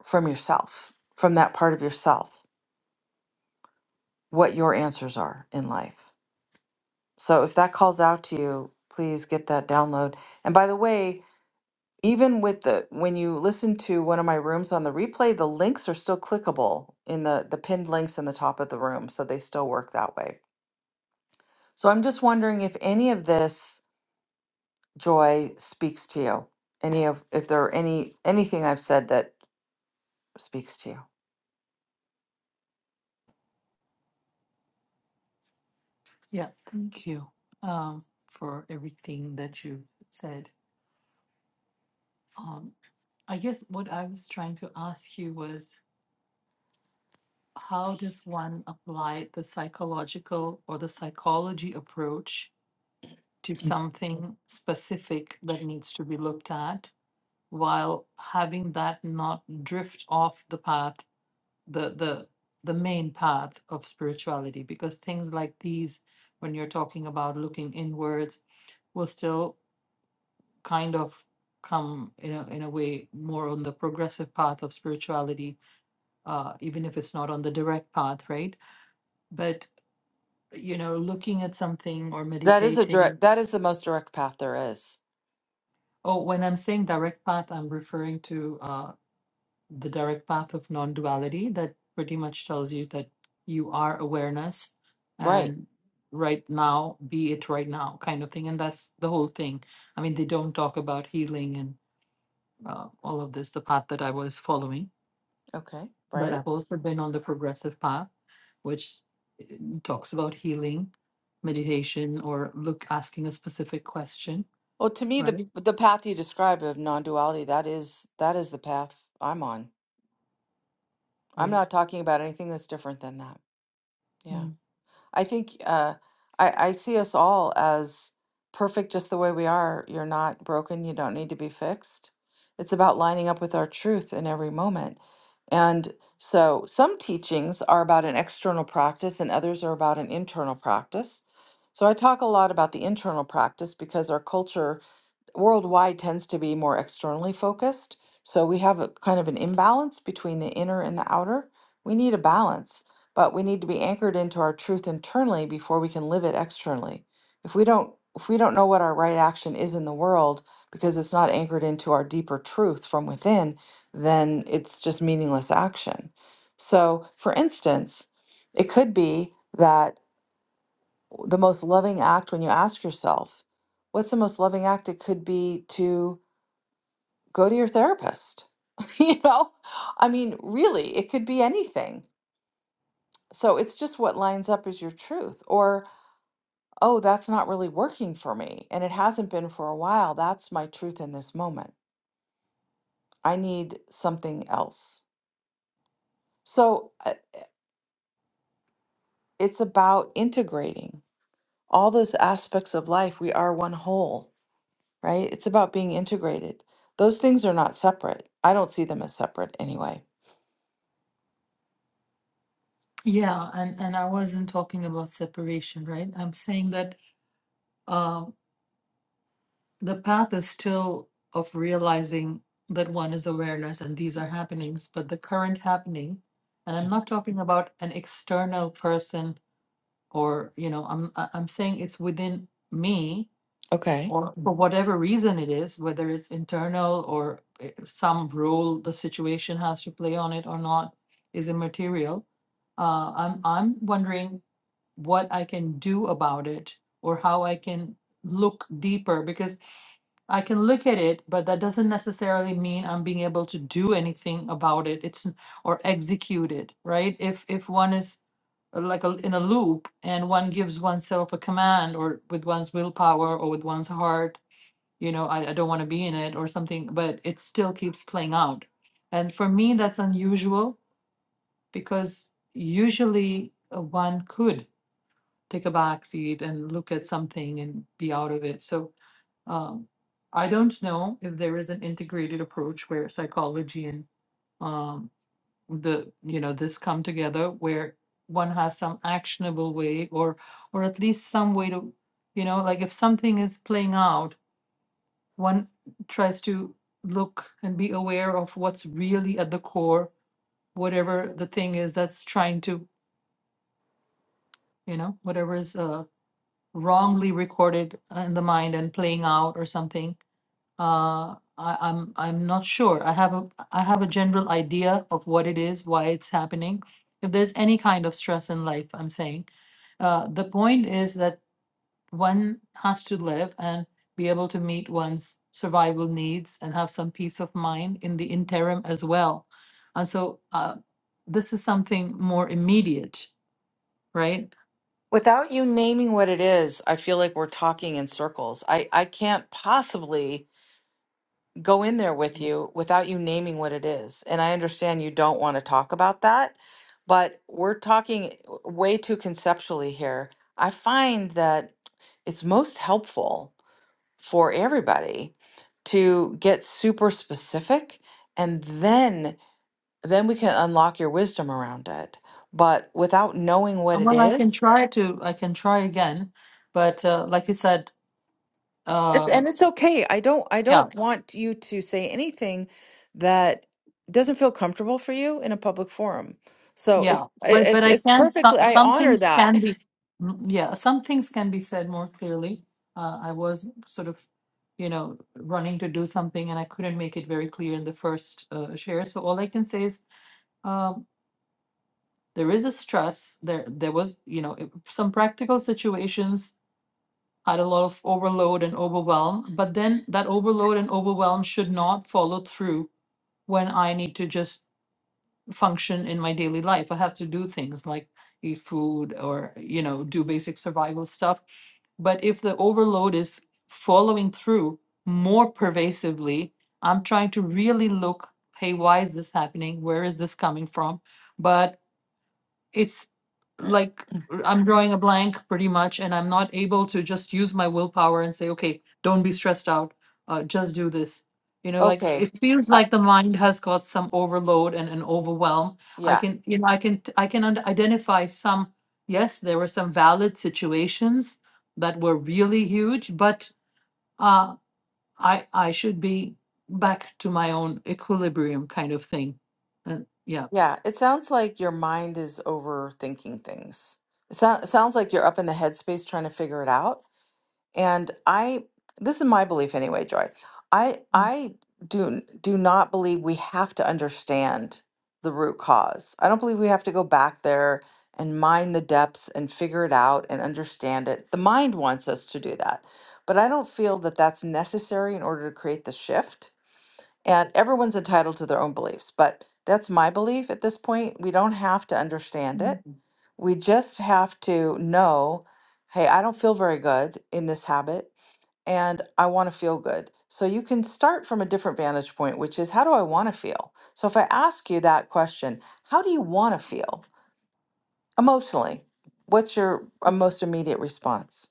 Speaker 1: from yourself, from that part of yourself, what your answers are in life. So if that calls out to you, please get that download. And by the way, even with the when you listen to one of my rooms on the replay, the links are still clickable in the the pinned links in the top of the room, so they still work that way. So I'm just wondering if any of this joy speaks to you. Any of if there are any anything I've said that speaks to you.
Speaker 5: yeah thank you um for everything that you said Um, I guess what I was trying to ask you was how does one apply the psychological or the psychology approach to something specific that needs to be looked at while having that not drift off the path, the the the main path of spirituality? Because things like these, when you're talking about looking inwards, will still kind of come in a in a way more on the progressive path of spirituality uh, even if it's not on the direct path, right? But, you know, looking at something or
Speaker 1: That is a
Speaker 5: meditating.
Speaker 1: direct that is the most direct path there is.
Speaker 5: Oh, when I'm saying direct path, I'm referring to uh, the direct path of non duality that pretty much tells you that you are awareness
Speaker 1: Right.
Speaker 5: and right now, be it right now kind of thing. And that's the whole thing. I mean, they don't talk about healing and uh, all of this, the path that I was following.
Speaker 1: Okay,
Speaker 5: But
Speaker 1: right.
Speaker 5: I've also been on the progressive path, which eh, talks about healing, meditation, or look asking a specific question,
Speaker 1: Well, to me, the
Speaker 5: right?
Speaker 1: the path you describe of non-duality, that is that is the path I'm on. I'm
Speaker 5: Right.
Speaker 1: not talking about anything that's different than that. Yeah.
Speaker 5: Mm.
Speaker 1: I think uh I, I see us all as perfect just the way we are. You're not broken, you don't need to be fixed. It's about lining up with our truth in every moment. And so some teachings are about an external practice and others are about an internal practice. So I talk a lot about the internal practice because our culture worldwide tends to be more externally focused. So we have a kind of an imbalance between the inner and the outer. We need a balance, but we need to be anchored into our truth internally before we can live it externally. If we don't if we don't know what our right action is in the world because it's not anchored into our deeper truth from within, then it's just meaningless action. So, for instance, it could be that the most loving act when you ask yourself, what's the most loving act? It could be to go to your therapist. [laughs] you know, I mean, really, it could be anything. So it's just what lines up as your truth. Or, oh, that's not really working for me. And it hasn't been for a while. That's my truth in this moment. I need something else. So uh, it's about integrating all those aspects of life. We are one whole right? It's about being integrated. Those things are not separate. I don't see them as separate anyway.
Speaker 5: Yeah, and and I wasn't talking about separation, right? I'm saying that uh, the path is still of realizing that one is awareness and these are happenings, but the current happening, and I'm not talking about an external person or you know, I'm I- I'm saying it's within me
Speaker 1: Okay.
Speaker 5: or for whatever reason it is, whether it's internal or i- some role the situation has to play on it or not, is immaterial. Uh, I'm, I'm wondering what I can do about it or how I can look deeper because I can look at it, but that doesn't necessarily mean I'm being able to do anything about it. It's n- or execute it, right? If if one is uh, like a, in a loop and one gives oneself a command or with one's willpower or with one's heart, you know, I, I don't want to be in it or something, but it still keeps playing out. And for me, that's unusual because usually uh, one could take a backseat and look at something and be out of it. So um, I don't know if there is an integrated approach where psychology and um, the you know this come together where one has some actionable way or or at least some way to you know like if something is playing out one tries to look and be aware of what's really at the core whatever the thing is that's trying to you know whatever is uh wrongly recorded uh, in the mind and playing out or something. Uh, I, I'm I'm not sure. I have a I have a general idea of what it is, why it's happening. If there's any kind of stress in life, I'm saying uh, the point is that one has to live and be able to meet one's survival needs and have some peace of mind in the interim as well. And so uh, this is something more immediate, right?
Speaker 1: Without you naming what it is, I feel like we're talking in circles. I, I can't possibly go in there with you without you naming what it is. And I understand you don't want to talk about that, but we're talking way too conceptually here. I find that it's most helpful for everybody to get super specific and then then we can unlock your wisdom around it but without knowing
Speaker 5: Uh,
Speaker 1: what it
Speaker 5: Well, I can
Speaker 1: is
Speaker 5: try to, I can try again, but uh, like you said,
Speaker 1: it's
Speaker 5: um,
Speaker 1: and it's okay i don't i
Speaker 5: yeah,
Speaker 1: don't want you to say anything that doesn't feel comfortable for you in a public forum so
Speaker 5: yeah,
Speaker 1: it's it-
Speaker 5: but but
Speaker 1: it's
Speaker 5: I
Speaker 1: it's
Speaker 5: can't.
Speaker 1: perfectly
Speaker 5: Some,
Speaker 1: i
Speaker 5: some
Speaker 1: honor
Speaker 5: things
Speaker 1: that
Speaker 5: can be, mm, yeah, some things can be said more clearly. Uh, I was sort of, you know, running to do something, and I couldn't make it very clear in the first uh, share. So all I can say is, um, there is a stress. There, there was, you know, it- some practical situations had a lot of overload and overwhelm, but then that overload and overwhelm should not follow through when I need to just function in my daily life. I have to do things like eat food or, you know, do basic survival stuff. But if the overload is following through more pervasively, I'm trying to really look hey, why is this happening? Where is this coming from? But it's
Speaker 1: [laughs]
Speaker 5: like r- I'm drawing a blank pretty much, and I'm not able to just use my willpower and say, okay, don't be stressed out, uh, just do this. You know, like
Speaker 1: okay
Speaker 5: it feels
Speaker 1: uh,
Speaker 5: like the mind has got some overload and an overwhelm. I
Speaker 1: yeah
Speaker 5: can, you know, I can, t- I can und- identify some. Yes, there were some valid situations that were really huge, but uh, I, I should be back to my own equilibrium kind of thing. And yeah,
Speaker 1: yeah it sounds like your mind is overthinking things it so- sounds like you're up in the headspace trying to figure it out And I, this is my belief anyway, Joy. I I do do not believe we have to understand the root cause. I don't believe we have to go back there and mine the depths and figure it out and understand it. The mind wants us to do that, but I don't feel that that's necessary in order to create the shift. And everyone's entitled to their own beliefs, but that's my belief at this point. We don't have to understand it.
Speaker 5: Mhm.
Speaker 1: We just have to know, hey, I don't feel very good in this habit and I want to feel good. So you can start from a different vantage point, which is how do I want to feel? So if I ask you that question, how do you want to feel emotionally? What's your uh, most immediate response?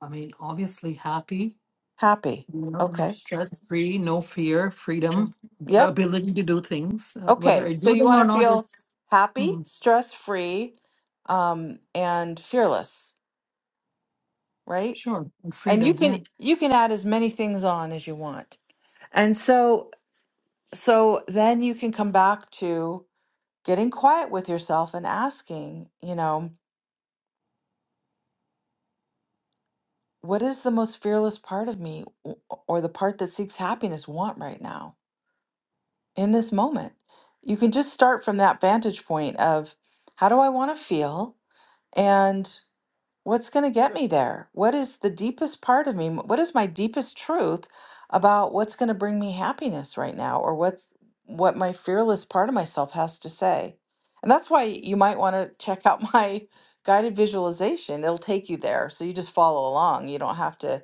Speaker 5: I mean, obviously happy
Speaker 1: Happy.
Speaker 5: you know,
Speaker 1: Okay.
Speaker 5: stress free, no fear,
Speaker 1: Stress-
Speaker 5: freedom,
Speaker 1: Yep.
Speaker 5: ability to do things, uh, whether
Speaker 1: Okay.
Speaker 5: I
Speaker 1: So
Speaker 5: do
Speaker 1: you
Speaker 5: them or
Speaker 1: want to
Speaker 5: not
Speaker 1: feel
Speaker 5: is
Speaker 1: happy,
Speaker 5: hmm,
Speaker 1: stress free, um, and fearless, right?
Speaker 5: sure, and
Speaker 1: And you
Speaker 5: freedom. Yeah,
Speaker 1: can you can add as many things on as you want. And so so then you can come back to getting quiet with yourself and asking, you know, what is the most fearless part of me w- or the part that seeks happiness want right now in this moment? You can just start from that vantage point of how do I want to feel? And. What's going to get me there? What is the deepest part of me? What is my deepest truth about what's going to bring me happiness right now or what's what my fearless part of myself has to say? And that's why you might want to check out [laughs] my guided visualization. It'll take you there. So you just follow along. You don't have to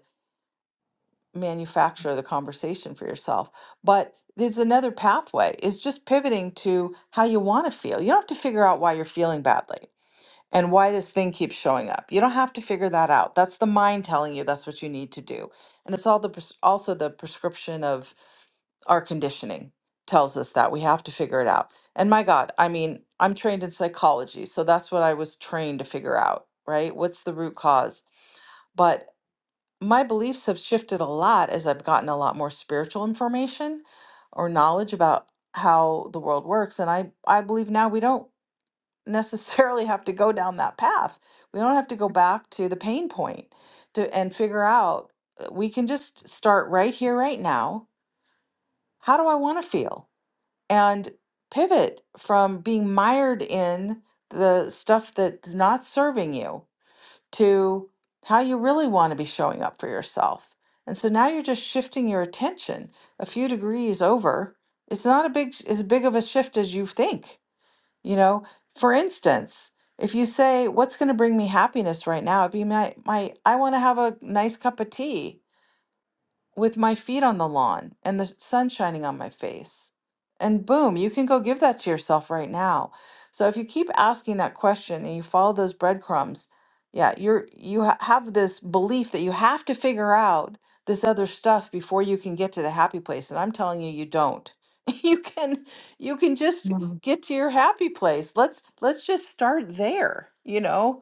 Speaker 1: manufacture the conversation for yourself. But there's another pathway is just pivoting to how you want to feel. You don't have to figure out why you're feeling badly and why this thing keeps showing up. You don't have to figure that out. That's the mind telling you that's what you need to do. And it's all the pres- also the prescription of our conditioning tells us that we have to figure it out. And my God, I mean, I'm trained in psychology, so that's what I was trained to figure out, right? What's the root cause? But my beliefs have shifted a lot as I've gotten a lot more spiritual information or knowledge about how the world works. And I, I believe now we don't necessarily [laughs] have to go down that path. We don't have to go back to the pain point to and figure out. uh, We can just start right here, right now. How do I want to feel? And pivot from being mired in the stuff that's not serving you to how you really want to be showing up for yourself. And so now you're just shifting your attention a few degrees over. It's not a big as big of a shift as you think you know, for instance, if you say, "What's going to bring me happiness right now?" It'd be my my I want to have a nice cup of tea with my feet on the lawn and the sun shining on my face. And boom, you can go give that to yourself right now. So if you keep asking that question and you follow those breadcrumbs, yeah, you're you ha- have this belief that you have to figure out this other stuff before you can get to the happy place, and I'm telling you you don't. [laughs] You can you can just
Speaker 5: Mhm.
Speaker 1: get to your happy place. Let's let's just start there, you know?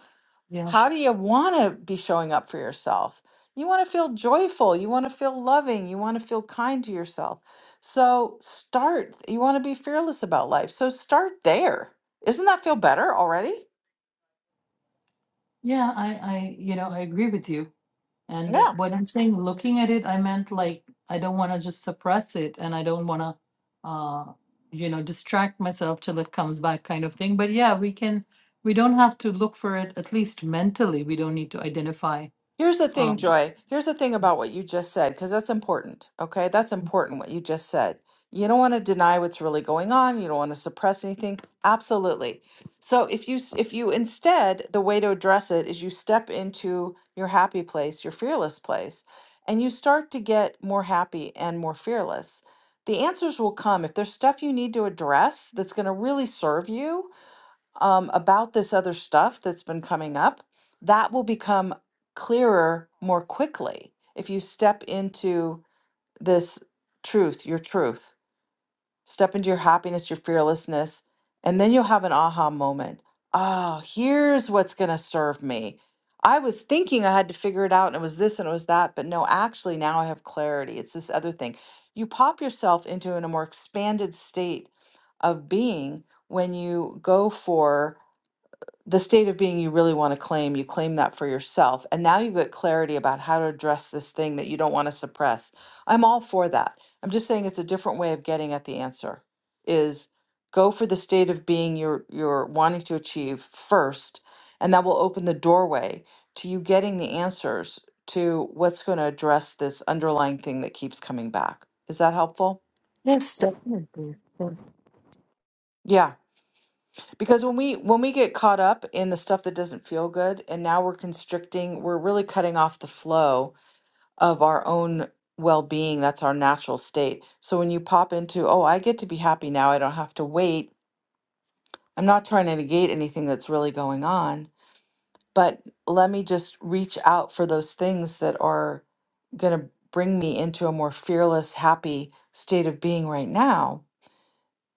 Speaker 5: yeah,
Speaker 1: how do you want to be showing up for yourself? You want to feel joyful. You want to feel loving. You want to feel kind to yourself. So start. You want to be fearless about life. So start there. Isn't that feel better already?
Speaker 5: yeah. I, I, you know, I agree with you. And uh,
Speaker 1: Yeah.
Speaker 5: when I'm saying looking at it, I meant like I don't want to just suppress it, and I don't want to, uh, you know, distract myself till it comes back, kind of thing. But yeah, we can. We don't have to look for it. At least mentally, we don't need to identify.
Speaker 1: Here's the thing,
Speaker 5: Um,
Speaker 1: Joy. Here's the thing about what you just said, because that's important. Okay. That's important what you just said. You don't want to deny what's really going on. You don't want to suppress anything. Absolutely. So if you s- if you instead the way to address it is you step into your happy place, your fearless place, and you start to get more happy and more fearless. The answers will come. If there's stuff you need to address that's going to really serve you, um, about this other stuff that's been coming up, that will become clearer more quickly if you step into this truth, your truth, step into your happiness, your fearlessness, and then you'll have an aha moment. Oh, here's what's going to serve me. I was thinking I had to figure it out and it was this and it was that, but no, actually, now I have clarity. It's this other thing. You pop yourself into an- a more expanded state of being when you go for the state of being you really want to claim, you claim that for yourself. And now you get clarity about how to address this thing that you don't want to suppress. I'm all for that. I'm just saying it's a different way of getting at the answer is go for the state of being you're you're wanting to achieve first, and that will open the doorway to you getting the answers to what's going to address this underlying thing that keeps coming back. Is that helpful?
Speaker 5: yes, definitely.
Speaker 1: Yeah. Because when we when we get caught up in the stuff that doesn't feel good and now we're constricting, we're really cutting off the flow of our own well-being. That's our natural state. So when you pop into, "Oh, I get to be happy now. I don't have to wait." I'm not trying to negate anything that's really going on, but let me just reach out for those things that are going to bring me into a more fearless, happy state of being right now.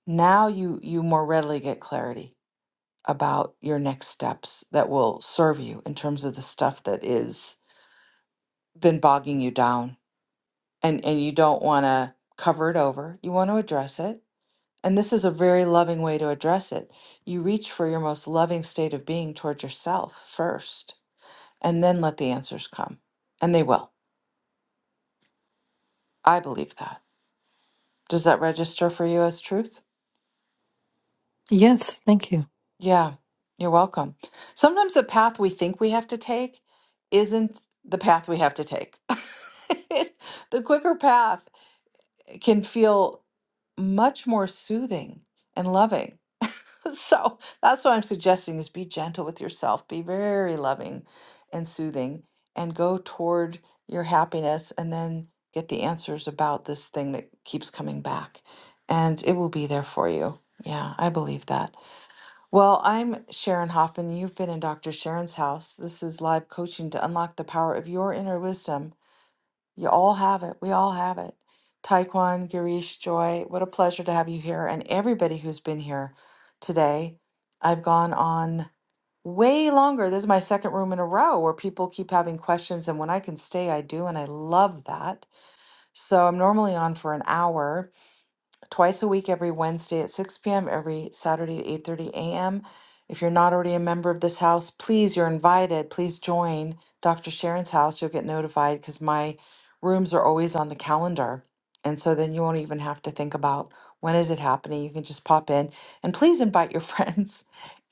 Speaker 1: Now you you more readily get clarity about your next steps that will serve you in terms of the stuff that is been bogging you down and and you don't want to cover it over you want to address it and this is a very loving way to address it you reach for your most loving state of being toward yourself first and then let the answers come and they will i believe that does that register for you as truth
Speaker 5: Yes, thank you.
Speaker 1: Yeah, you're welcome. Sometimes the path we think we have to take isn't the path we have to take. [laughs] The quicker path can feel much more soothing and loving. [laughs] So that's what I'm suggesting is be gentle with yourself, be very loving and soothing, and go toward your happiness and then get the answers about this thing that keeps coming back. And it will be there for you. Yeah, I believe that. Well, I'm Sharon Hoffman. You've been in Dr. Sharon's house. This is live coaching to unlock the power of your inner wisdom. You all have it. We all have it. Taekwon, Girish, Joy, what a pleasure to have you here and everybody who's been here today. I've gone on way longer. This is my second room in a row where people keep having questions. And when I can stay, I do. And I love that. So I'm normally on for an hour twice a week every Wednesday at 6 p.m., every Saturday at 8:30 a.m. If you're not already a member of this house, please, you're invited. Please join Dr. Sharon's house. You'll get notified because my rooms are always on the calendar. And so then you won't even have to think about when is it happening. You can just pop in and please invite your [laughs] friends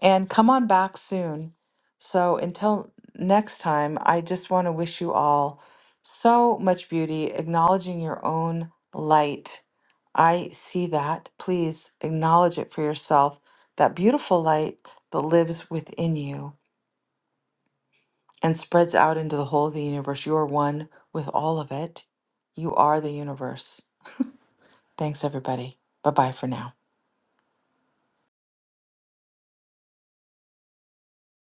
Speaker 1: and come on back soon. So until next time, I just want to wish you all so much beauty, acknowledging your own light I see that. Please acknowledge it for yourself. That beautiful light that lives within you and spreads out into the whole of the universe. You are one with all of it. You are the universe. Thanks, everybody. Bye bye for now.